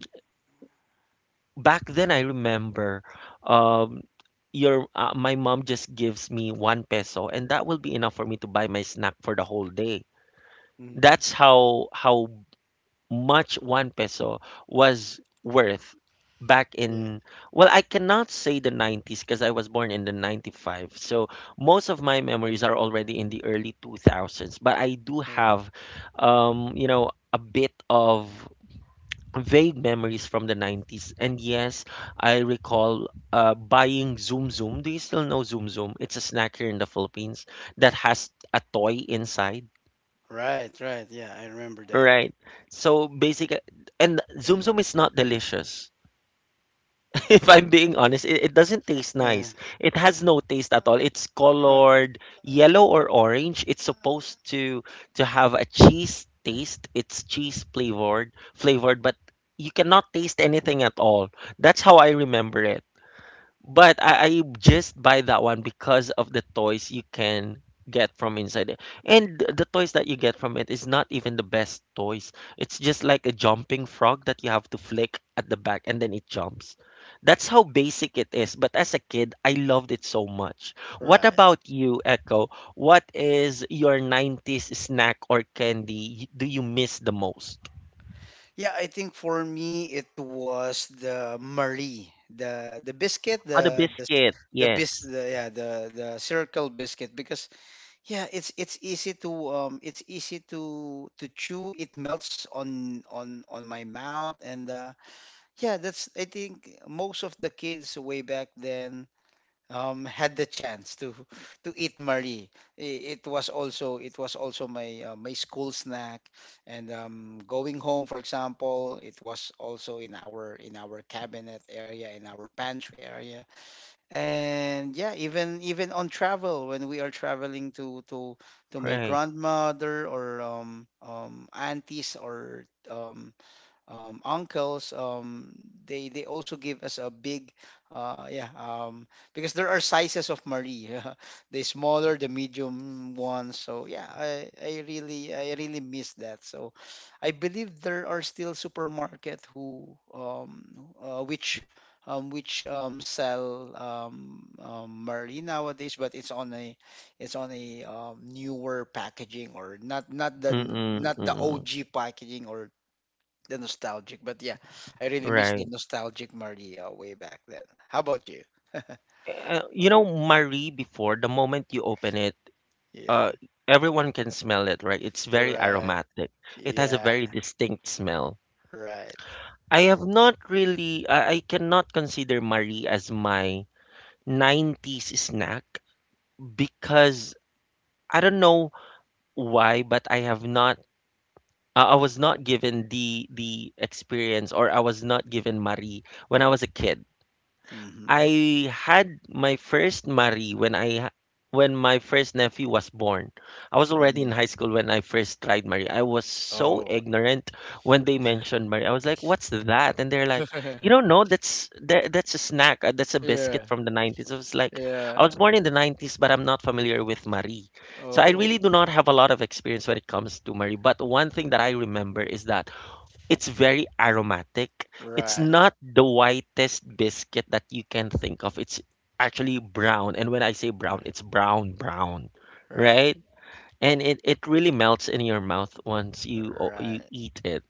Speaker 1: Back then I remember, um your uh, my mom just gives me one peso, and that will be enough for me to buy my snack for the whole day.
Speaker 2: Mm-hmm.
Speaker 1: That's how how much one peso was worth back
Speaker 2: Yeah.
Speaker 1: in, well, I cannot say the nineties because I was born in the ninety-five, so most of my memories are already in the early two thousands, but I do
Speaker 2: Right,
Speaker 1: have, um you know a bit of vague memories from the nineties. And yes, I recall uh, buying Zoom Zoom. Do you still know Zoom Zoom? It's a snack here in the Philippines that has a toy inside,
Speaker 2: right, right. Yeah, I remember that.
Speaker 1: right? So basically, and Zoom Zoom is not delicious. If I'm being honest, it, it doesn't taste
Speaker 2: Yeah.
Speaker 1: nice. It has no taste at all. It's
Speaker 2: Right.
Speaker 1: colored yellow or orange. It's supposed to to have a cheese taste. It's cheese flavored, flavored, but you cannot taste anything at all. That's how I remember it. But I, I just buy that one because of the toys you can get from inside it. And th- the toys that you get from it is not even the best toys. It's just like a jumping frog that you have to flick at the back and then it jumps. That's how basic it is. But as a kid, I loved it so much. What
Speaker 2: Right.
Speaker 1: about you, Echo? What is your nineties snack or candy y- do you miss the most?
Speaker 2: Yeah, I think for me it was the Marie, the the biscuit,
Speaker 1: Oh, the
Speaker 2: the the s-
Speaker 1: biscuit.
Speaker 2: the bis
Speaker 1: Yes.
Speaker 2: the, yeah, the the circle biscuit because yeah, it's it's easy to um it's easy to to chew. It melts on on on my mouth and uh yeah, that's I think most of the kids way back then um, had the chance to to eat Marie. I- It was also it was also my uh, my school snack, and um, going home, for example. It was also in our in our cabinet area, in our pantry area. And yeah, even even on travel when we are traveling to to to my
Speaker 1: Right.
Speaker 2: grandmother, or um, um, aunties, or um, um, uncles. um, they they also give us a big uh, yeah um, because there are sizes of Marie, the smaller, the medium ones. So yeah, I, I really I really miss that. So I believe there are still supermarket who um, uh, which um, which um, sell um, um, Marie nowadays, but it's on a it's on a um, newer packaging, or not not the
Speaker 1: Mm-mm,
Speaker 2: not the
Speaker 1: mm-mm.
Speaker 2: O G packaging, or the nostalgic. But yeah, I really miss the
Speaker 1: Right.
Speaker 2: nostalgic Maria way back then. How about you?
Speaker 1: Uh, you know, Marie before, the moment you open it,
Speaker 2: Yeah.
Speaker 1: uh, everyone can smell it, right? It's very
Speaker 2: Right.
Speaker 1: aromatic. It has a
Speaker 2: Yeah.
Speaker 1: very distinct smell.
Speaker 2: Right.
Speaker 1: I have not really, I, I cannot consider Marie as my nineties snack because I don't know why, but I have not. I I was not given the the experience, or I was not given Marie when I was a kid.
Speaker 2: Mm-hmm.
Speaker 1: I had my first Marie when I ha- when my first nephew was born. I was already in
Speaker 2: Um,
Speaker 1: high school when I first tried Marie. I was so
Speaker 2: oh.
Speaker 1: ignorant when they
Speaker 2: Yeah.
Speaker 1: mentioned Marie. I was like, "What's that?" And they're like, "You don't know? That's that, that's a snack. uh, That's a biscuit
Speaker 2: Yeah.
Speaker 1: from the nineties." I was like, "I was
Speaker 2: Yeah.
Speaker 1: born in the nineties, but I'm not familiar with Marie." So I really
Speaker 2: Oh.
Speaker 1: do not have a lot of experience when it comes to Marie. But one thing that I remember is that it's very aromatic. It's
Speaker 2: Right.
Speaker 1: not the whitest biscuit that you can think of. It's actually brown. And when I say brown,
Speaker 2: Right.
Speaker 1: it's brown, brown,
Speaker 2: Right.
Speaker 1: right? And it, it really melts in your mouth once you o- you
Speaker 2: Right.
Speaker 1: eat it.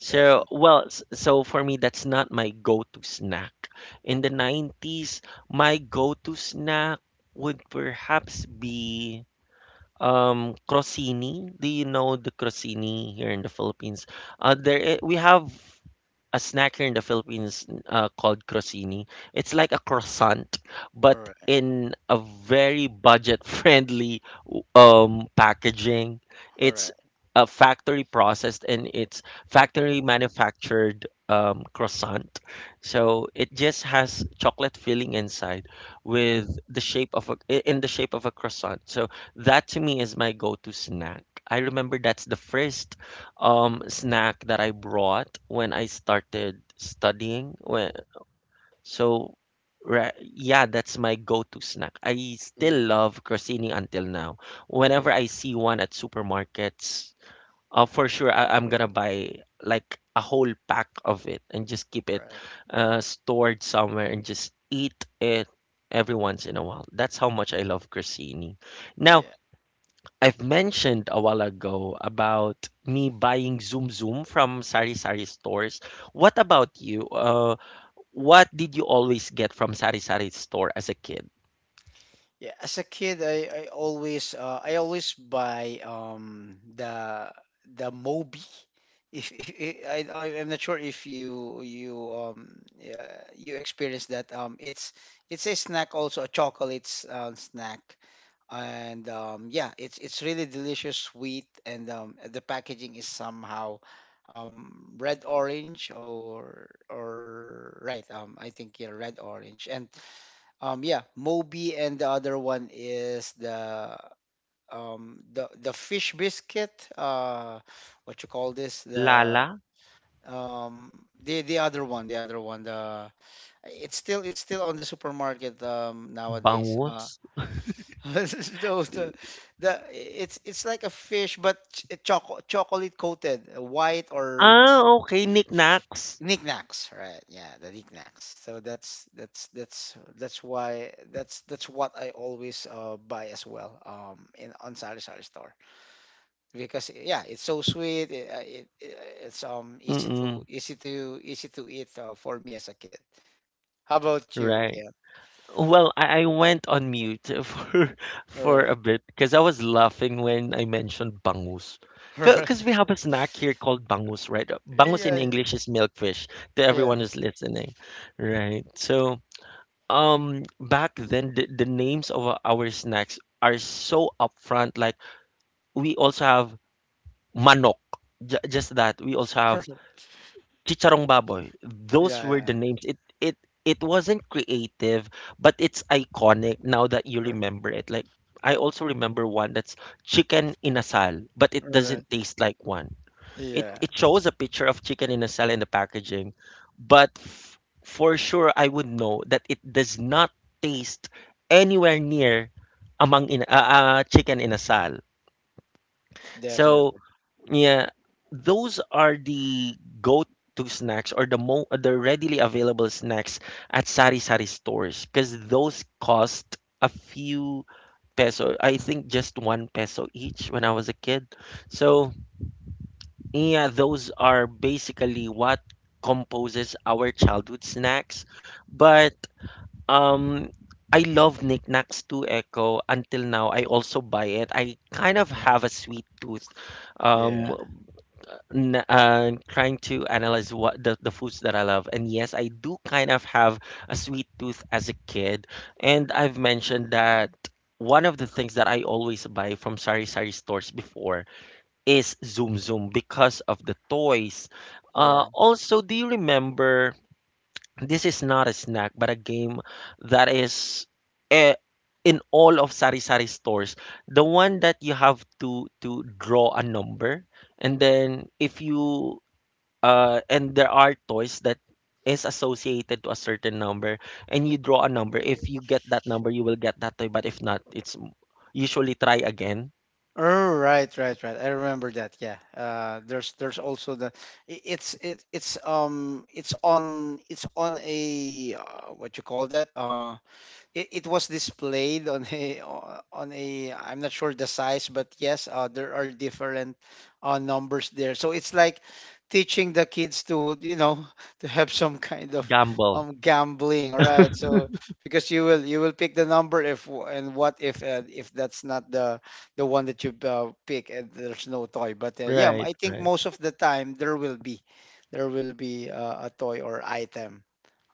Speaker 1: So,
Speaker 2: Definitely.
Speaker 1: well, s- so for me, that's not my go-to snack. In the nineties, my go-to snack would perhaps be um crostini. Do you know the crostini here in the Philippines? Uh, there i- we have a snack here in the Philippines uh, called crostini. It's like a croissant, but
Speaker 2: All right.
Speaker 1: in a very budget-friendly um, packaging.
Speaker 2: All
Speaker 1: It's
Speaker 2: right.
Speaker 1: a factory processed, and it's factory manufactured um, croissant. So it just has chocolate filling inside with the shape of a, i- in the shape of a croissant. So that to me is my go-to snack. I remember that's the first um snack that I brought when I started studying. When so ra- yeah, that's my go-to snack. I still
Speaker 2: Yeah.
Speaker 1: love crostini until now. Whenever
Speaker 2: Yeah.
Speaker 1: I see one at supermarkets, uh, for sure I- I'm gonna buy like a whole pack of it and just keep it
Speaker 2: Right.
Speaker 1: uh, stored somewhere and just eat it every once in a while. That's how much I love crostini. Now,
Speaker 2: Yeah.
Speaker 1: I've mentioned a while ago about me buying Zoom Zoom from Sari Sari stores. What about you? Uh, what did you always get from Sari Sari store as a kid?
Speaker 2: Yeah, as a kid, I, I always uh, I always buy um the the Moby. If, if, if I I- I'm not sure if you you um yeah, you experienced that. um it's it's a snack, also a chocolate s- uh, snack. And um yeah, it's it's really delicious, sweet. And um the packaging is somehow um red orange, or or right, um I think, yeah, red orange. And um, yeah, Moby. And the other one is the um the the fish biscuit. Uh, what you call this? The
Speaker 1: Lala?
Speaker 2: um the the other one, the other one. The — it's still it's still on the supermarket um nowadays.
Speaker 1: Bangus?
Speaker 2: Uh, those the, the it's it's like a fish but ch- choco chocolate coated, white or
Speaker 1: Ah, okay. Knickknacks.
Speaker 2: knickknacks. Right, yeah, the knickknacks. So that's that's that's that's why that's that's what I always uh, buy as well, um in on sari sari store. Because yeah, it's so sweet. It, uh, it, it it's um easy to
Speaker 1: Mm-mm.
Speaker 2: easy to easy to eat, uh, for me as a kid. How about you,
Speaker 1: Right.
Speaker 2: Ken?
Speaker 1: Well, I I went on mute for
Speaker 2: All
Speaker 1: for
Speaker 2: right.
Speaker 1: a bit because I was laughing when I mentioned bangus.
Speaker 2: All right.
Speaker 1: Because we have a snack here called bangus, right? Bangus
Speaker 2: Yeah,
Speaker 1: in
Speaker 2: yeah,
Speaker 1: English is milkfish, to
Speaker 2: yeah.
Speaker 1: everyone who's listening, right? So, um, back then, the, the names of our our snacks are so upfront. Like, we also have manok, j just that. We also have Chicharong Baboy.
Speaker 2: Yeah,
Speaker 1: Those were
Speaker 2: yeah.
Speaker 1: the names. It it it wasn't creative, but it's iconic now that you
Speaker 2: All right.
Speaker 1: remember it. Like, I also remember one that's chicken inasal, but it
Speaker 2: All right.
Speaker 1: doesn't taste like one. It
Speaker 2: Yeah.
Speaker 1: it shows a picture of chicken inasal in the packaging, but f- for sure I would know that it does not taste anywhere near among in uh, uh, chicken inasal. So
Speaker 2: Definitely.
Speaker 1: yeah, those are the go-to snacks, or the mo the readily available snacks at sari-sari stores, because those cost a few peso. I think just one peso each when I was a kid. So yeah, those are basically what composes our childhood snacks. But um, I love knickknacks too, Echo. Until now, I also buy it. I kind of have
Speaker 2: Right.
Speaker 1: a sweet tooth. Um,
Speaker 2: Yeah,
Speaker 1: n uh, Trying to analyze what the, the foods that I love, and yes, I do kind of have a sweet tooth as a kid. And I've mentioned that one of the things that I always buy from Sari Sari stores before is Zoom Zoom because of the toys. Uh,
Speaker 2: yeah.
Speaker 1: also, do you remember? This is not a snack, but a game that is eh, in all of Sari Sari stores. The one that you have to to draw a number, and then if you uh, and there are toys that is associated to a certain number, and you draw a number. If you get that number, you will get that toy. But if not, it's usually try again.
Speaker 2: Oh, right, right, right. I remember that. Yeah. Uh, there's there's also the — I- it's it, it's um it's on it's on a — uh, what you call that? Uh, it, it was displayed on a — o- on a — I'm not sure the size, but yes, uh, there are different uh, numbers there. So it's like teaching the kids to you know to have some kind of
Speaker 1: Gamble.
Speaker 2: um gambling, all right? So because you will you will pick the number if — w- and what if, uh, if that's not the the one that you uh, pick, and there's no toy. But uh, yeah,
Speaker 1: Right,
Speaker 2: I think
Speaker 1: right.
Speaker 2: most of the time there will be there will be uh, a toy or item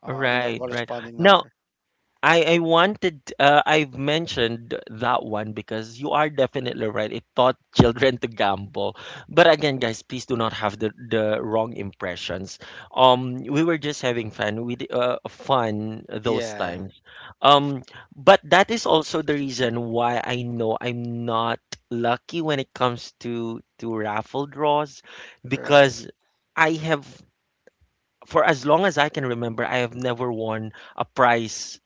Speaker 2: uh, in the
Speaker 1: Right, right.
Speaker 2: corresponding
Speaker 1: Now,
Speaker 2: number.
Speaker 1: I I wanted, uh, I've mentioned that one because you are definitely right. It taught children to gamble. But again, guys, please do not have the the wrong impressions. Um we were just having fun with uh, fun those
Speaker 2: Yeah.
Speaker 1: times. Um but that is also the reason why I know I'm not lucky when it comes to to raffle draws,
Speaker 2: Right.
Speaker 1: because I have, for as long as I can remember, I have never won a prize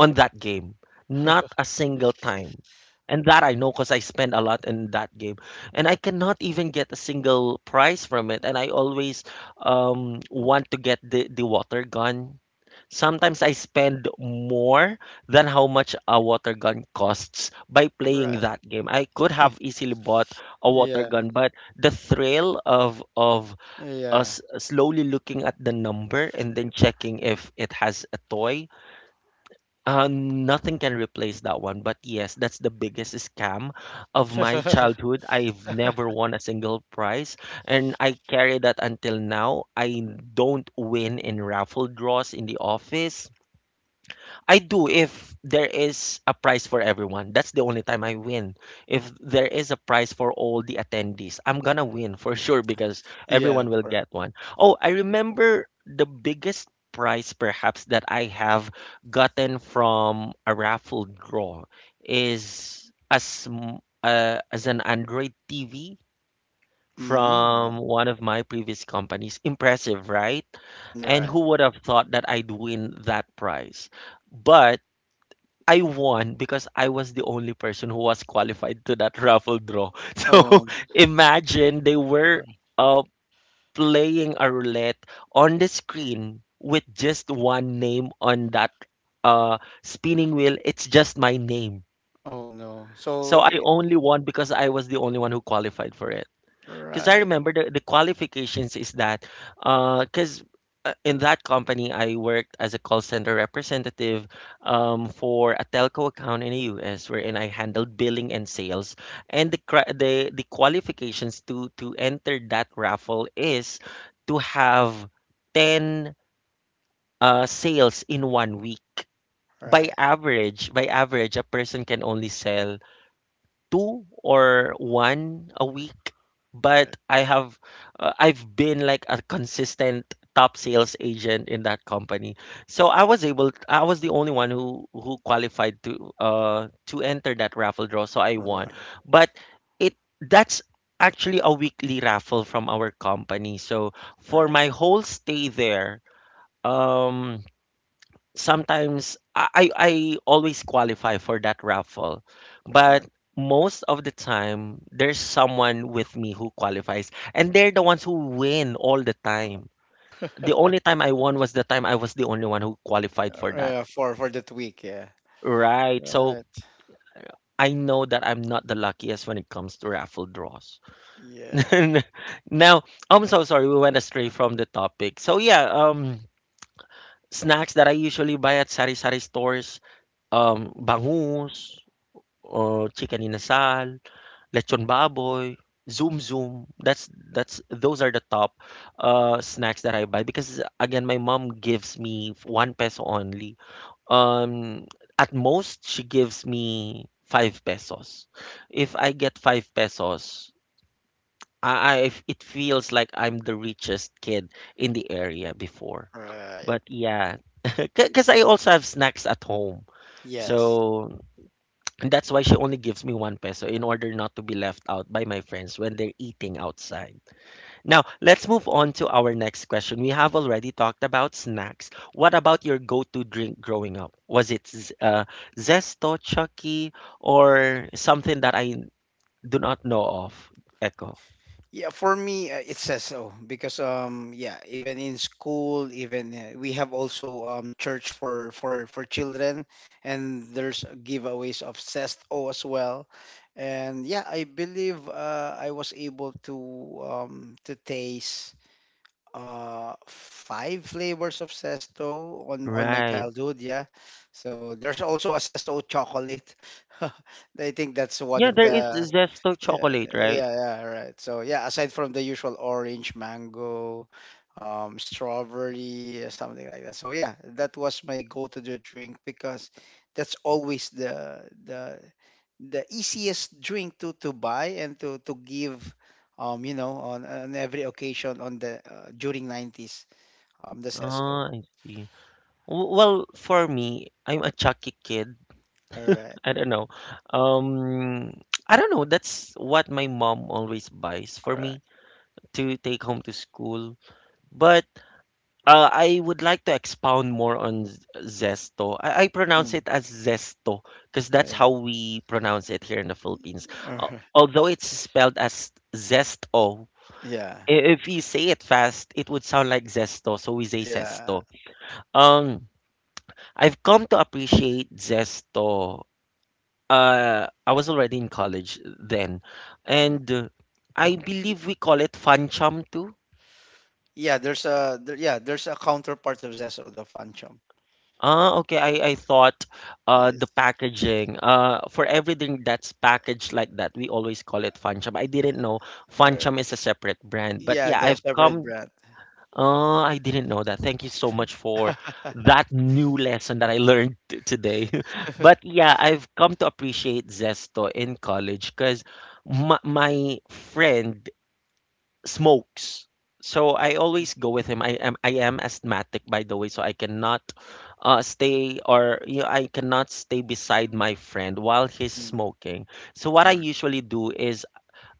Speaker 1: on that game. Not a single time. And that I know because I spend a lot in that game. And I cannot even get a single prize from it. And I always um, want to get the, the water gun. Sometimes I spend more than how much a water gun costs by playing
Speaker 2: Right.
Speaker 1: that game. I could have easily bought a water
Speaker 2: Yeah.
Speaker 1: gun, but the thrill of of
Speaker 2: Yeah.
Speaker 1: us slowly looking at the number and then checking if it has a toy, uh, nothing can replace that one. But yes, that's the biggest scam of my childhood. I've never won a single prize, and I carry that until now. I don't win in raffle draws in the office. I do if there is a prize for everyone. That's the only time I win. If there is a prize for all the attendees, I'm gonna win for sure, because
Speaker 2: Yeah.
Speaker 1: everyone will
Speaker 2: For.
Speaker 1: get one. Oh, I remember the biggest prize perhaps that I have gotten from a raffle draw is as uh, as an Android T V
Speaker 2: Mm-hmm.
Speaker 1: from
Speaker 2: Right.
Speaker 1: one of my previous companies. Impressive, right? And
Speaker 2: Right.
Speaker 1: who would have thought that I'd win that prize? But I won because I was the only person who was qualified to that raffle draw. So
Speaker 2: Oh.
Speaker 1: imagine they were
Speaker 2: r-
Speaker 1: uh, playing a roulette on the screen with just one name on that uh, spinning wheel. It's just my name.
Speaker 2: Oh, no.
Speaker 1: So
Speaker 2: So.
Speaker 1: I
Speaker 2: It,
Speaker 1: only won because I was the only one who qualified for it. Because I
Speaker 2: right.
Speaker 1: remember the, the qualifications is that, because in that company, I worked as a call center representative um, for a telco account in the U S, wherein I handled billing and sales. And the, cri- the, the qualifications to, to enter that raffle is to have ten uh, sales in one week. By
Speaker 2: Right.
Speaker 1: average, by average, a person can only sell two or one a week, but
Speaker 2: Right.
Speaker 1: I have uh, I've been like a consistent top sales agent in that company. So I was able I was the only one who who qualified to uh to enter that raffle draw, so I won.
Speaker 2: Right.
Speaker 1: But it that's actually a weekly raffle from our company. So for
Speaker 2: Right.
Speaker 1: my whole stay there, um sometimes I, I I always qualify for that raffle, but
Speaker 2: Right.
Speaker 1: most of the time there's someone with me who qualifies, and they're the ones who win all the time. The only time I won was the time I was the only one who qualified for that.
Speaker 2: Yeah, for for that week. Yeah.
Speaker 1: Right. So
Speaker 2: Right.
Speaker 1: I know that I'm not the luckiest when it comes to raffle draws.
Speaker 2: Yeah.
Speaker 1: now, I'm so sorry we went astray from the topic. So yeah, um snacks that I usually buy at sari-sari stores, um bangus, or chicken inasal, lechon baboy, zoom zoom. That's that's those are the top uh snacks that I buy because again my mom gives me one peso only. Um at most she gives me five pesos. If I get five pesos, I, I if- it feels like I'm the richest kid in the area before.
Speaker 2: Right.
Speaker 1: But yeah, because I also have snacks at home.
Speaker 2: Yes.
Speaker 1: So and that's why she only gives me one peso in order not to be left out by my friends when they're eating outside. Now, let's move on to our next question. We have already talked about snacks. What about your go to drink growing up? Was it z- uh, Zesto, Chucky, or something that I do not know of? Echo.
Speaker 2: Yeah, for me, uh, it says so because um yeah, even in school, even uh, we have also um church for for for children, and there's giveaways of Sest O as well. And yeah, I believe uh, I was able to um to taste uh five flavors of Sesto on on my
Speaker 1: Right.
Speaker 2: childhood, yeah. So there's also a Sesto chocolate. I think that's one
Speaker 1: Yeah,
Speaker 2: of
Speaker 1: there is
Speaker 2: the —
Speaker 1: Zesto
Speaker 2: yeah,
Speaker 1: chocolate, right?
Speaker 2: yeah, yeah, right. So yeah, aside from the usual orange, mango, um, strawberry, uh, something like that. So yeah, that was my go-to the drink because that's always the the the easiest drink to to buy and to to give, um, you know, on on every occasion on the, uh, during nineties, um, the S S O.
Speaker 1: Oh, I see. W- Well, for me, I'm a Chucky kid.
Speaker 2: All right,
Speaker 1: I don't know. Um, I don't know. That's what my mom always buys
Speaker 2: all
Speaker 1: for
Speaker 2: right.
Speaker 1: me to take home to school. But uh, I would like to expound more on z- zesto. I, I pronounce
Speaker 2: Mm,
Speaker 1: it as zesto because that's
Speaker 2: yeah.
Speaker 1: how we pronounce it here in the Philippines.
Speaker 2: All
Speaker 1: Al-
Speaker 2: right.
Speaker 1: although it's spelled as zesto,
Speaker 2: Yeah,
Speaker 1: i- if you say it fast, it would sound like zesto. So we say
Speaker 2: yeah.
Speaker 1: zesto. Um, I've come to appreciate zesto. Uh, I was already in college then.
Speaker 2: Mm.
Speaker 1: And uh, I believe we call it Fun Chum too.
Speaker 2: Yeah, there's a there, yeah, there's a counterpart of Zesso, the Fanchom.
Speaker 1: Ah, okay. I, I thought uh, the
Speaker 2: It's,
Speaker 1: packaging, uh, for everything that's packaged like that, we always call it Fun Chum. I didn't know Fun
Speaker 2: uh,
Speaker 1: Chum is a separate brand. But
Speaker 2: yeah,
Speaker 1: yeah,
Speaker 2: the
Speaker 1: I've
Speaker 2: separate
Speaker 1: come.
Speaker 2: brand.
Speaker 1: Uh, I didn't know that. Thank you so much for that new lesson that I learned t- today. But yeah, I've come to appreciate Zesto in college because my, my friend smokes. So I always go with him. I am I am asthmatic by the way, so I cannot uh, stay or you know, I cannot stay beside my friend while he's
Speaker 2: Mm,
Speaker 1: smoking. So what
Speaker 2: all
Speaker 1: I
Speaker 2: right,
Speaker 1: usually do is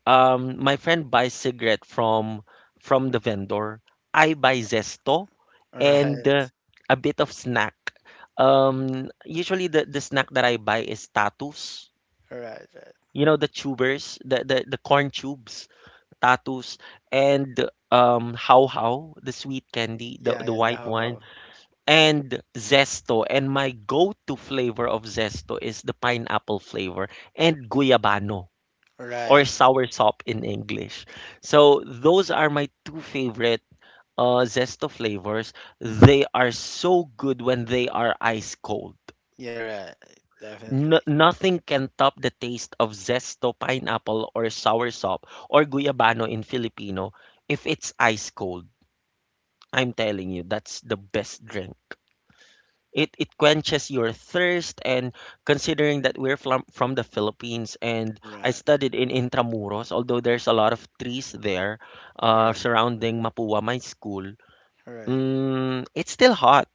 Speaker 1: um my friend buys cigarette from from the vendor. I buy zesto
Speaker 2: all
Speaker 1: and uh,
Speaker 2: right,
Speaker 1: a bit of snack. Um usually the the snack that I buy is tatus.
Speaker 2: all right. Right.
Speaker 1: You know the tubers, the the, the corn tubes tattoos and um how how the sweet candy the,
Speaker 2: Yeah,
Speaker 1: the
Speaker 2: yeah, the
Speaker 1: white
Speaker 2: ho
Speaker 1: one
Speaker 2: ho.
Speaker 1: and zesto and my go-to flavor of zesto is the pineapple flavor and guyabano or
Speaker 2: Right,
Speaker 1: sour sop in english, so those are my two favorite uh zesto flavors. They are so good when they are ice cold.
Speaker 2: you're right,
Speaker 1: N-
Speaker 2: definitely.
Speaker 1: nothing can top the taste of zesto pineapple or sour sop or guyabano in filipino if it's ice cold. I'm telling you, that's the best drink. It it quenches your thirst, and considering that we're from from the Philippines and I
Speaker 2: Right,
Speaker 1: studied in Intramuros, although there's a lot of trees there
Speaker 2: you're
Speaker 1: uh,
Speaker 2: right,
Speaker 1: surrounding Mapua, my school,
Speaker 2: all right.
Speaker 1: mm, it's still hot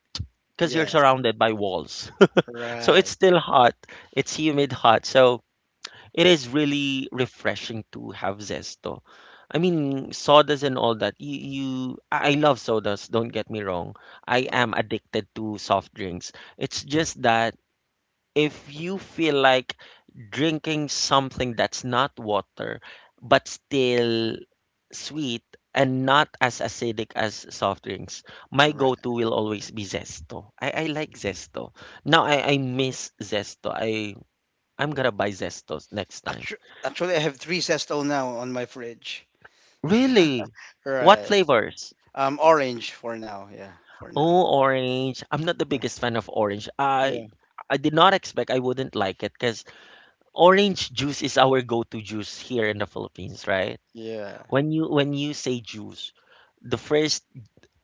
Speaker 1: because you're
Speaker 2: Yes,
Speaker 1: surrounded by walls. So it's
Speaker 2: right,
Speaker 1: still hot. It's humid hot. So it is really refreshing to have zesto. I mean, sodas and all that. You, you, I I love sodas. Don't get me wrong. I
Speaker 2: all right.
Speaker 1: am addicted to soft drinks. It's just that if you feel like drinking something that's not water, but still sweet and not as acidic as soft drinks, my
Speaker 2: Right.
Speaker 1: go-to will always be zesto. I, I like zesto. Now I, I miss zesto. I I'm gonna buy zestos next time.
Speaker 2: Actu- Actually, I have three Zesto now on my fridge.
Speaker 1: Really? What
Speaker 2: Right,
Speaker 1: flavors?
Speaker 2: um, orange for now. Yeah, for now.
Speaker 1: Oh, orange. I'm not the
Speaker 2: Uh,
Speaker 1: biggest fan of orange. I
Speaker 2: Yeah,
Speaker 1: I did not expect I wouldn't like it because orange juice is our go-to juice here in the Philippines, right?
Speaker 2: yeah,
Speaker 1: When you when you say juice, the first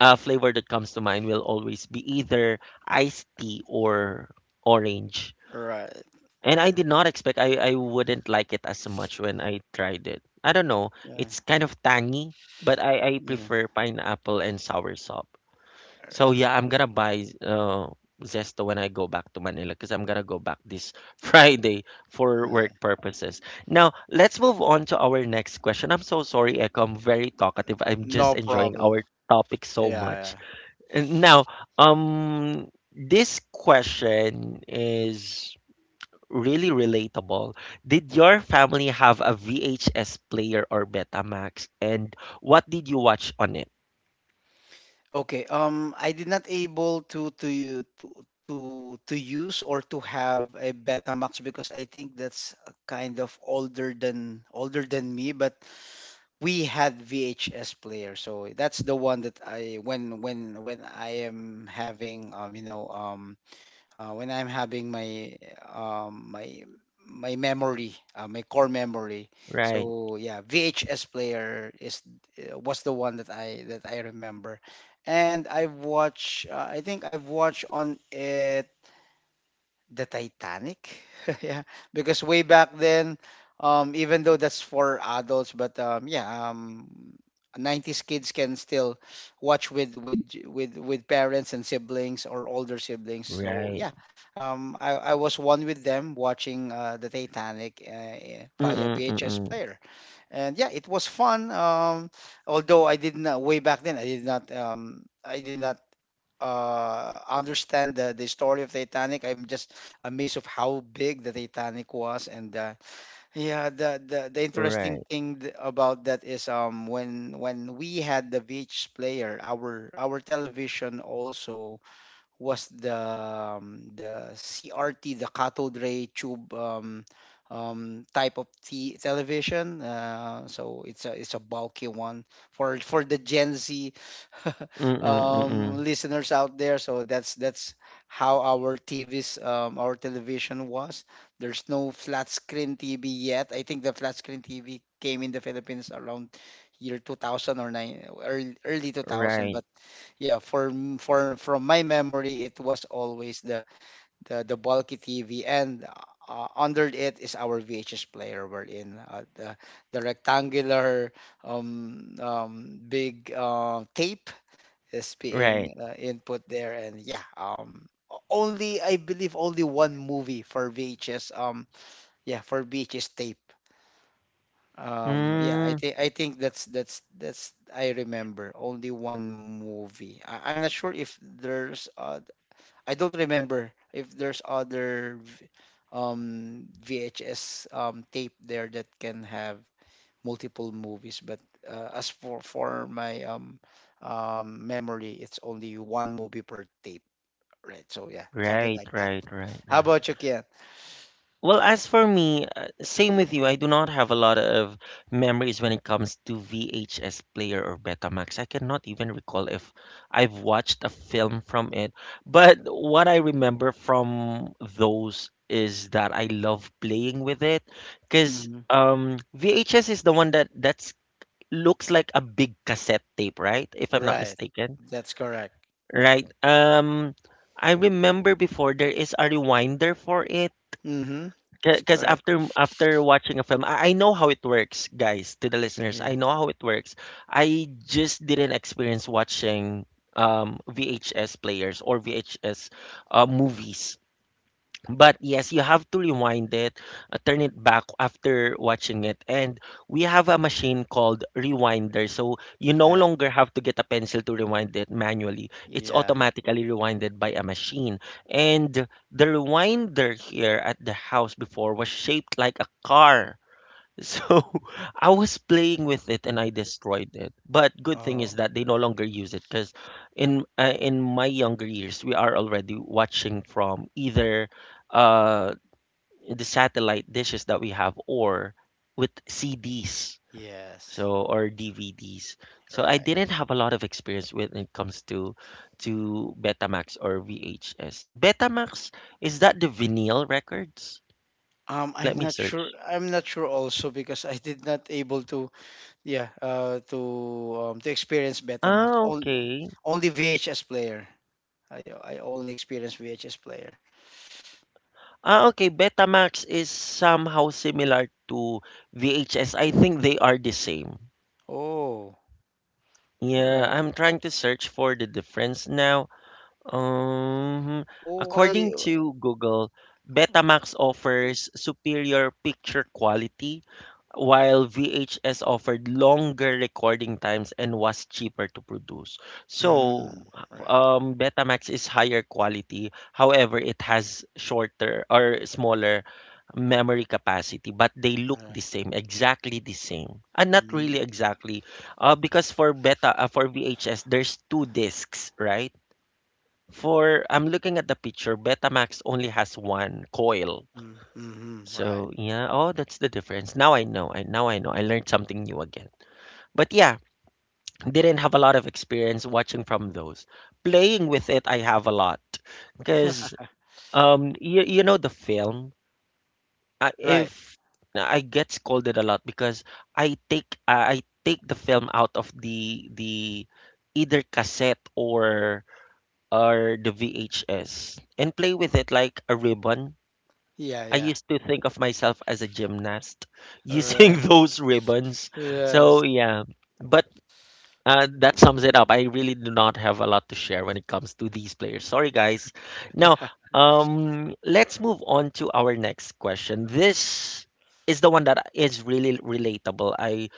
Speaker 1: uh, flavor that comes to mind will always be either iced tea or orange.
Speaker 2: right.
Speaker 1: And I did not expect I, I
Speaker 2: Mm.
Speaker 1: wouldn't like it as much when I tried it. I don't know.
Speaker 2: Yeah.
Speaker 1: It's kind of tangy, but I, I
Speaker 2: Yeah.
Speaker 1: prefer pineapple and soursop.
Speaker 2: All
Speaker 1: So
Speaker 2: right.
Speaker 1: yeah, I'm gonna buy uh, Zesto when I go back to Manila because I'm gonna go back this Friday for
Speaker 2: No,
Speaker 1: work purposes. Now let's move on to our next question. I'm so sorry, Echo. I'm very talkative. I'm just
Speaker 2: no
Speaker 1: enjoying
Speaker 2: problem.
Speaker 1: our topic so
Speaker 2: Yeah,
Speaker 1: much.
Speaker 2: yeah.
Speaker 1: And now, um, this question is really relatable. Did your family have a V H S player or Betamax, and what did you watch on it?
Speaker 2: Okay. Um, I did not able to to u- to to to use or to have a Betamax, because I think that's a kind of older than older than me. But we had V H S player, so that's the one that I when when when I am having um you know um uh, when I'm having my um, my my memory, uh, my core memory.
Speaker 1: Right,
Speaker 2: So yeah, V H S player is uh, was the one that I that I remember, and I've watched. Uh, I think I've watched on it the Titanic? Yeah, because way back then, um, even though that's for adults. But um, yeah, um, nineties kids can still watch with with with with parents and siblings, or older siblings. So
Speaker 1: right.
Speaker 2: yeah, um, I, I was one with them watching uh, the Titanic, uh, eh, via V H S
Speaker 1: Mm-mm-mm.
Speaker 2: player. And yeah, it was fun. Um, although I did not way back then, I did not um, I did not uh understand the the story of Titanic. I'm just amazed of how big the Titanic was. And uh, yeah, the, the the interesting
Speaker 1: Right.
Speaker 2: thing th- about that is — um when when we had the V H S player, our our television also was the um, the C R T, the cathode ray tube, um, um, type of t- television. Uh, so it's a it's a bulky one for for the Gen Z
Speaker 1: Mm-mm, mm-mm.
Speaker 2: um, listeners out there. So that's that's how our T Vs, um, our television was. There's no flat screen T V yet. I think the flat screen T V came in the Philippines around year two thousand or nine, early, early two thousand,
Speaker 1: Right,
Speaker 2: but yeah, for m- for from my memory, it was always the the, the bulky T V, and uh, under it is our V H S player. We're in, uh, the the rectangular, um, um, big, uh, tape is
Speaker 1: right.
Speaker 2: being uh, input there. And yeah, um, o- only, I believe, only one movie for V H S. Um, yeah, for V H S tape. Um, yeah, I
Speaker 1: Mm,
Speaker 2: think I think that's that's that's I remember only one movie. I, I'm not sure if there's uh, I don't remember if there's other v- um V H S um tape there that can have multiple movies. But uh, as for for my um um memory, it's only one movie per tape, right? So yeah, something
Speaker 1: right,
Speaker 2: like that.
Speaker 1: right, right,
Speaker 2: How
Speaker 1: right.
Speaker 2: about you, Kian?
Speaker 1: Well, as for me, uh, same with you. I do not have a lot of memories when it comes to V H S player or Betamax. I cannot even recall if I've watched a film from it. But what I remember from those is that I love playing with it because
Speaker 2: Hmm.
Speaker 1: um, V H S is the one that that's looks like a big cassette tape, right? If I'm not
Speaker 2: Right,
Speaker 1: mistaken.
Speaker 2: that's correct.
Speaker 1: Right. Um, I remember before there is a rewinder for it
Speaker 2: Mm-hmm. That's
Speaker 1: because
Speaker 2: correct.
Speaker 1: after after watching a film, I, I know how it works, guys. To the listeners, I know how it works. I just didn't experience watching um V H S players or V H S uh, movies. But yes, you have to rewind it, uh, turn it back after watching it. And we have a machine called Rewinder. So you no
Speaker 2: That,
Speaker 1: longer have to get a pencil to rewind it manually. It's
Speaker 2: yeah.
Speaker 1: automatically rewinded by a machine. And the rewinder here at the house before was shaped like a car. So I was playing with it and I destroyed it. But good thing is
Speaker 2: Oh,
Speaker 1: that they no longer use it because in uh, in my younger years we are already watching from either uh the satellite dishes that we have or with C Ds
Speaker 2: yes.
Speaker 1: so or D V Ds.
Speaker 2: All
Speaker 1: So I
Speaker 2: right.
Speaker 1: didn't have a lot of experience when it comes to to Betamax or V H S. Betamax, is that the vinyl records?
Speaker 2: Um, I'm
Speaker 1: Let me
Speaker 2: not
Speaker 1: search.
Speaker 2: sure. I'm not sure also because I did not able to, yeah uh to um to experience
Speaker 1: Ah,
Speaker 2: Betamax. All,
Speaker 1: okay.
Speaker 2: only V H S player. I I only experienced V H S player.
Speaker 1: Ah, okay. Betamax is somehow similar to V H S. I think they are the same.
Speaker 2: Oh, all
Speaker 1: Yeah,
Speaker 2: right.
Speaker 1: I'm trying to search for the difference now. Um,
Speaker 2: Oh,
Speaker 1: according
Speaker 2: why?
Speaker 1: to Google, Betamax offers superior picture quality while V H S offered longer recording times and was cheaper to produce.
Speaker 2: Mm,
Speaker 1: So,
Speaker 2: right.
Speaker 1: um, Betamax is higher quality. However, it has shorter or smaller memory capacity, but they look
Speaker 2: Right.
Speaker 1: the same, exactly the same. And not
Speaker 2: Mm,
Speaker 1: really exactly, uh, because for beta uh, for V H S, there's two discs, right? For I'm looking at the picture, Betamax only has one coil,
Speaker 2: mm, mm, right.
Speaker 1: so yeah, oh, that's the difference. Now I know. I now I know. I learned something new again. But yeah, didn't have a lot of experience watching from those. Playing with it, I have a lot because um, you, you know the film. I,
Speaker 2: Right.
Speaker 1: if I get scolded a lot because I take I I take the film out of the the either cassette or or the V H S and play with it like a ribbon.
Speaker 2: Yeah,
Speaker 1: I
Speaker 2: yeah.
Speaker 1: used to think of myself as a gymnast
Speaker 2: All
Speaker 1: using
Speaker 2: right.
Speaker 1: those ribbons.
Speaker 2: Yes.
Speaker 1: So yeah, but uh, that sums it up. I really do not have a lot to share when it comes to these players. Sorry, guys. Now, um, let's move on to our next question. This is the one that is really relatable. I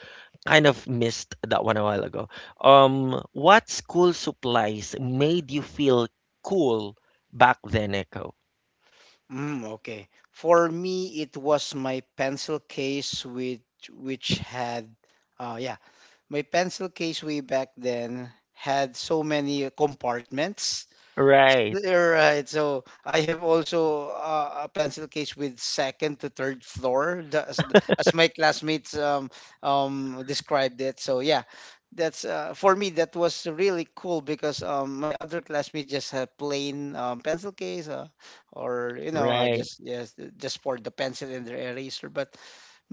Speaker 1: kind of missed that one a while ago. Um, what school supplies made you feel cool back then, Echo?
Speaker 2: Mm, okay. For me, it was my pencil case, which which had — uh yeah, my pencil case way back then had so many compartments.
Speaker 1: Right,
Speaker 2: You're right. So I have also uh, a pencil case with second to third floor, the- as, as my classmates um, um, described it. So yeah, that's uh, for me, that was really cool because um, my other classmates just had plain, um, pencil case, uh, or you know, uh,
Speaker 1: right.
Speaker 2: just, yes, just for the pencil and their eraser. But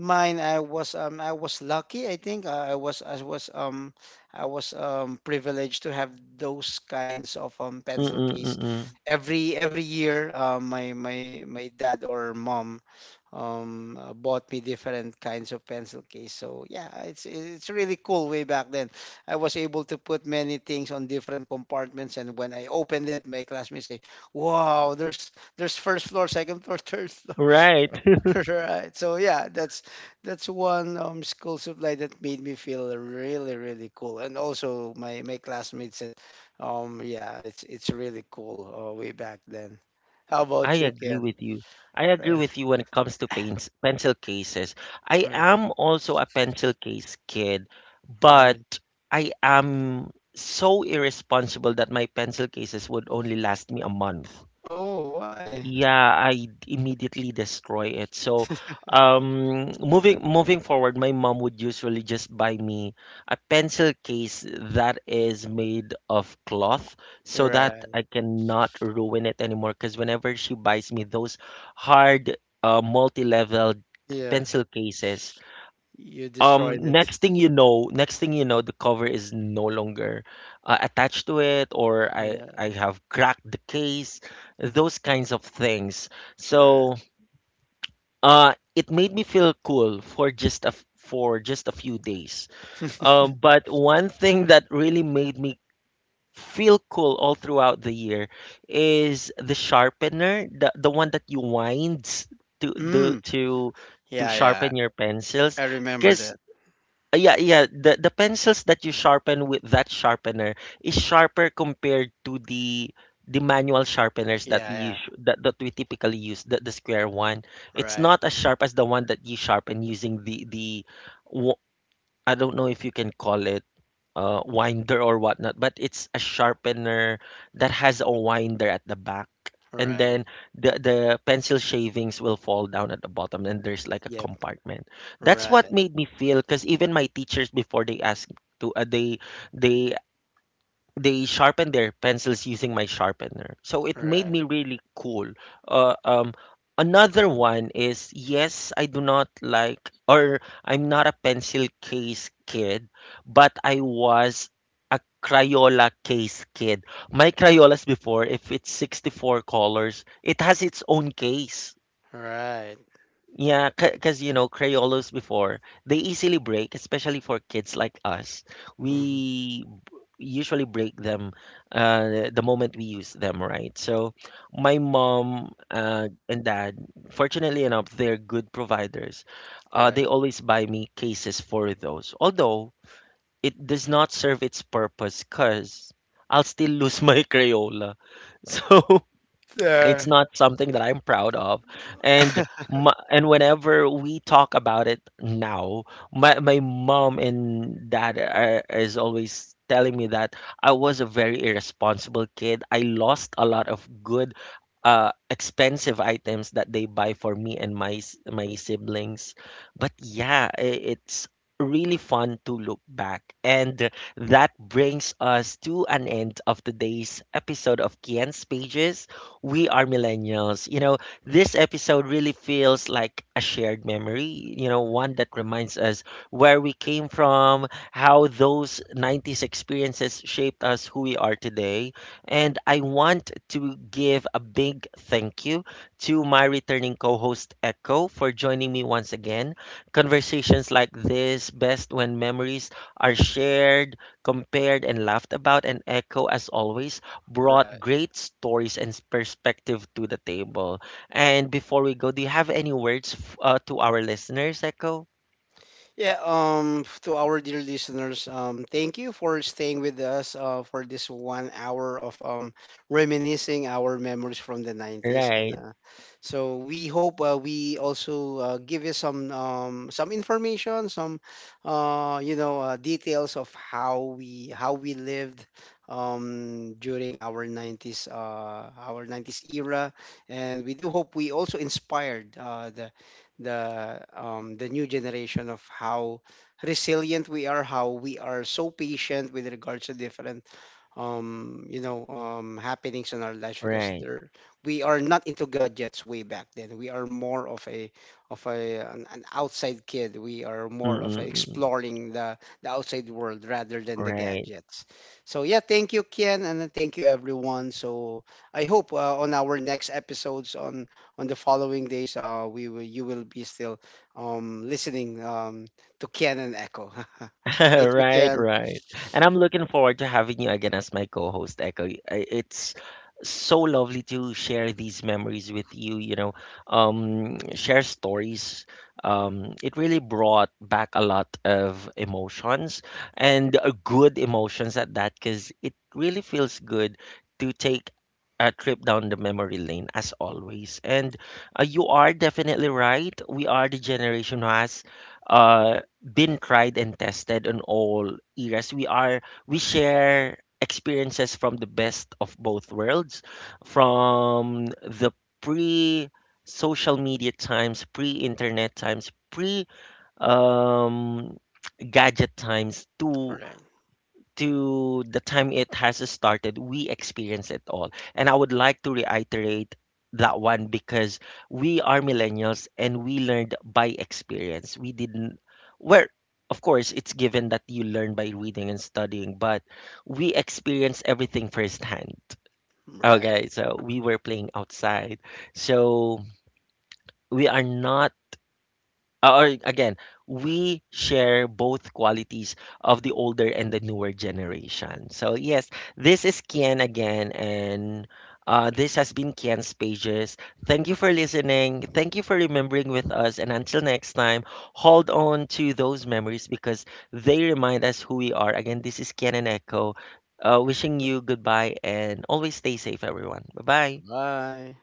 Speaker 2: mine, I was um I was lucky, I think. Uh, I was I was um I was um privileged to have those kinds of um pencil case.
Speaker 1: Mm-mm-mm-mm.
Speaker 2: Every every year, uh, my my my dad or mom um uh, bought me different kinds of pencil case. So yeah, it's it's really cool way back then. I was able to put many things on different compartments, and when I opened it, my classmates say, "Wow, there's there's first floor, second floor, third floor."
Speaker 1: Right.
Speaker 2: Right. So yeah, that's that's one um school supply that made me feel really really cool. And also my my classmates said, um yeah, it's it's really cool uh, way back then. How
Speaker 1: I
Speaker 2: about you,
Speaker 1: agree
Speaker 2: Ken?
Speaker 1: with you. I agree
Speaker 2: Right.
Speaker 1: with you when it comes to paints, pencil cases. I
Speaker 2: Right.
Speaker 1: am also a pencil case kid,
Speaker 2: Right.
Speaker 1: but I am so irresponsible that my pencil cases would only last me a month.
Speaker 2: Oh, why?
Speaker 1: Yeah, I immediately destroy it. So, um, moving moving forward, my mom would usually just buy me a pencil case that is made of cloth so that
Speaker 2: Right.
Speaker 1: I cannot ruin it anymore. Because whenever she buys me those hard, uh, multi-level
Speaker 2: Yeah.
Speaker 1: pencil cases,
Speaker 2: You destroyed
Speaker 1: um,
Speaker 2: it.
Speaker 1: next thing you know, next thing you know, the cover is no longer uh, attached to it, or I
Speaker 2: Yeah.
Speaker 1: I have cracked the case, those kinds of things. So,
Speaker 2: Right.
Speaker 1: uh, it made me feel cool for just a f- for just a few days. Um, but one thing that really made me feel cool all throughout the year is the sharpener, the the one that you wind to do
Speaker 2: Mm.
Speaker 1: to to
Speaker 2: Yeah, yeah.
Speaker 1: sharpen your pencils,
Speaker 2: I remember
Speaker 1: because
Speaker 2: that.
Speaker 1: uh, yeah, yeah. The the pencils that you sharpen with that sharpener is sharper compared to the the manual sharpeners
Speaker 2: Yeah,
Speaker 1: that we use
Speaker 2: yeah.
Speaker 1: that, that we typically use, the, the square one. It's
Speaker 2: Right.
Speaker 1: not as sharp as the one that you sharpen using the the wo- I don't know if you can call it uh, winder or whatnot, but it's a sharpener that has a winder at the back. And
Speaker 2: Right.
Speaker 1: then the, the pencil shavings will fall down at the bottom, and there's like a
Speaker 2: Yep.
Speaker 1: compartment. That's what
Speaker 2: Right.
Speaker 1: made me feel, because even my teachers before they asked to, uh, they they they sharpen their pencils using my sharpener. So it made
Speaker 2: Right.
Speaker 1: me really cool. Uh, um, Another one is yes, I do not like, or I'm not a pencil case kid, but I was a Crayola case kid. My Crayolas before, if it's sixty-four colors, it has its own case.
Speaker 2: Right.
Speaker 1: Yeah, because you know, Crayolas before, they easily break, especially for kids like us.
Speaker 2: Mhm.
Speaker 1: We b- Usually break them uh, the moment we use them, right? So my mom uh, and dad, fortunately enough, they're good providers. Uh, they
Speaker 2: Right.
Speaker 1: always buy me cases for those, although it does not serve its purpose because I'll still lose my Crayola. So it's
Speaker 2: There.
Speaker 1: not something that I'm proud of. And my, and whenever we talk about it now, my, my mom and dad are, is always telling me that I was a very irresponsible kid. I lost a lot of good uh expensive items that they buy for me and my s- my siblings. But yeah, i- it's really fun to look back. And that brings us to an end of today's episode of Kian's Pages, we are millennials. You know, this episode really feels like a shared memory, you know, one that reminds us where we came from, how those nineties experiences shaped us who we are today. And I want to give a big thank you to my returning co host, Echo, for joining me once again. Conversations like this best when memories are shared, compared, and laughed about. And Echo, as always, brought
Speaker 2: Right.
Speaker 1: great stories and perspective to the table. And before we go, do you have any words f- uh, to our listeners, Echo?
Speaker 2: Yeah, um to our dear listeners, um thank you for staying with us uh for this one hour of um reminiscing our memories from the nineties. And
Speaker 1: Right,
Speaker 2: uh, so we hope uh, we also uh, give you some, um some information, some, uh you know uh, details of how we how we lived um during our nineties, uh our nineties era. And we do hope we also inspired uh the the um, the new generation of how resilient we are, how we are so patient with regards to different um you know um happenings in our lives, because
Speaker 1: right.
Speaker 2: there — we are not into gadgets way back then. We are more of a — of a an, an outside kid. We are more of a,
Speaker 1: Mm-mm-mm.
Speaker 2: exploring the the outside world rather than the
Speaker 1: Right.
Speaker 2: gadgets. So yeah, thank you, Kian, and thank you everyone. So I hope uh, on our next episodes on on the following days, uh we will you will be still um listening um to Kian and Echo. Thank you,
Speaker 1: Right,
Speaker 2: Kian.
Speaker 1: right. And I'm looking forward to having you again as my co-host, Echo. Y- I- It's so lovely to share these memories with you, you know, um, share stories. Um, it really brought back a lot of emotions and uh, good emotions at that, because it really feels good to take a trip down the memory lane as always. And uh, you are definitely right. We are the generation who has. Uh, been tried and tested in all eras. We are we share experiences from the best of both worlds, from the pre social media times, pre internet times, pre um, gadget times
Speaker 2: All
Speaker 1: to
Speaker 2: right,
Speaker 1: to the time it has started, we experience it all. And I would like to reiterate that one because we are millennials and we learned by experience. We didn't, well, of course, it's given that you learn by reading and studying, but we experience everything firsthand.
Speaker 2: all right.
Speaker 1: Okay, so we were playing outside. So we are not uh, or again, we share both qualities of the older and the newer generation. So yes, this is Kian again, and uh, this has been Kian's Pages. Thank you for listening. Thank you for remembering with us. And until next time, hold on to those memories because they remind us who we are. Again, this is Kian and Echo. Uh, wishing you goodbye and always stay safe, everyone. Bye bye.
Speaker 2: Bye.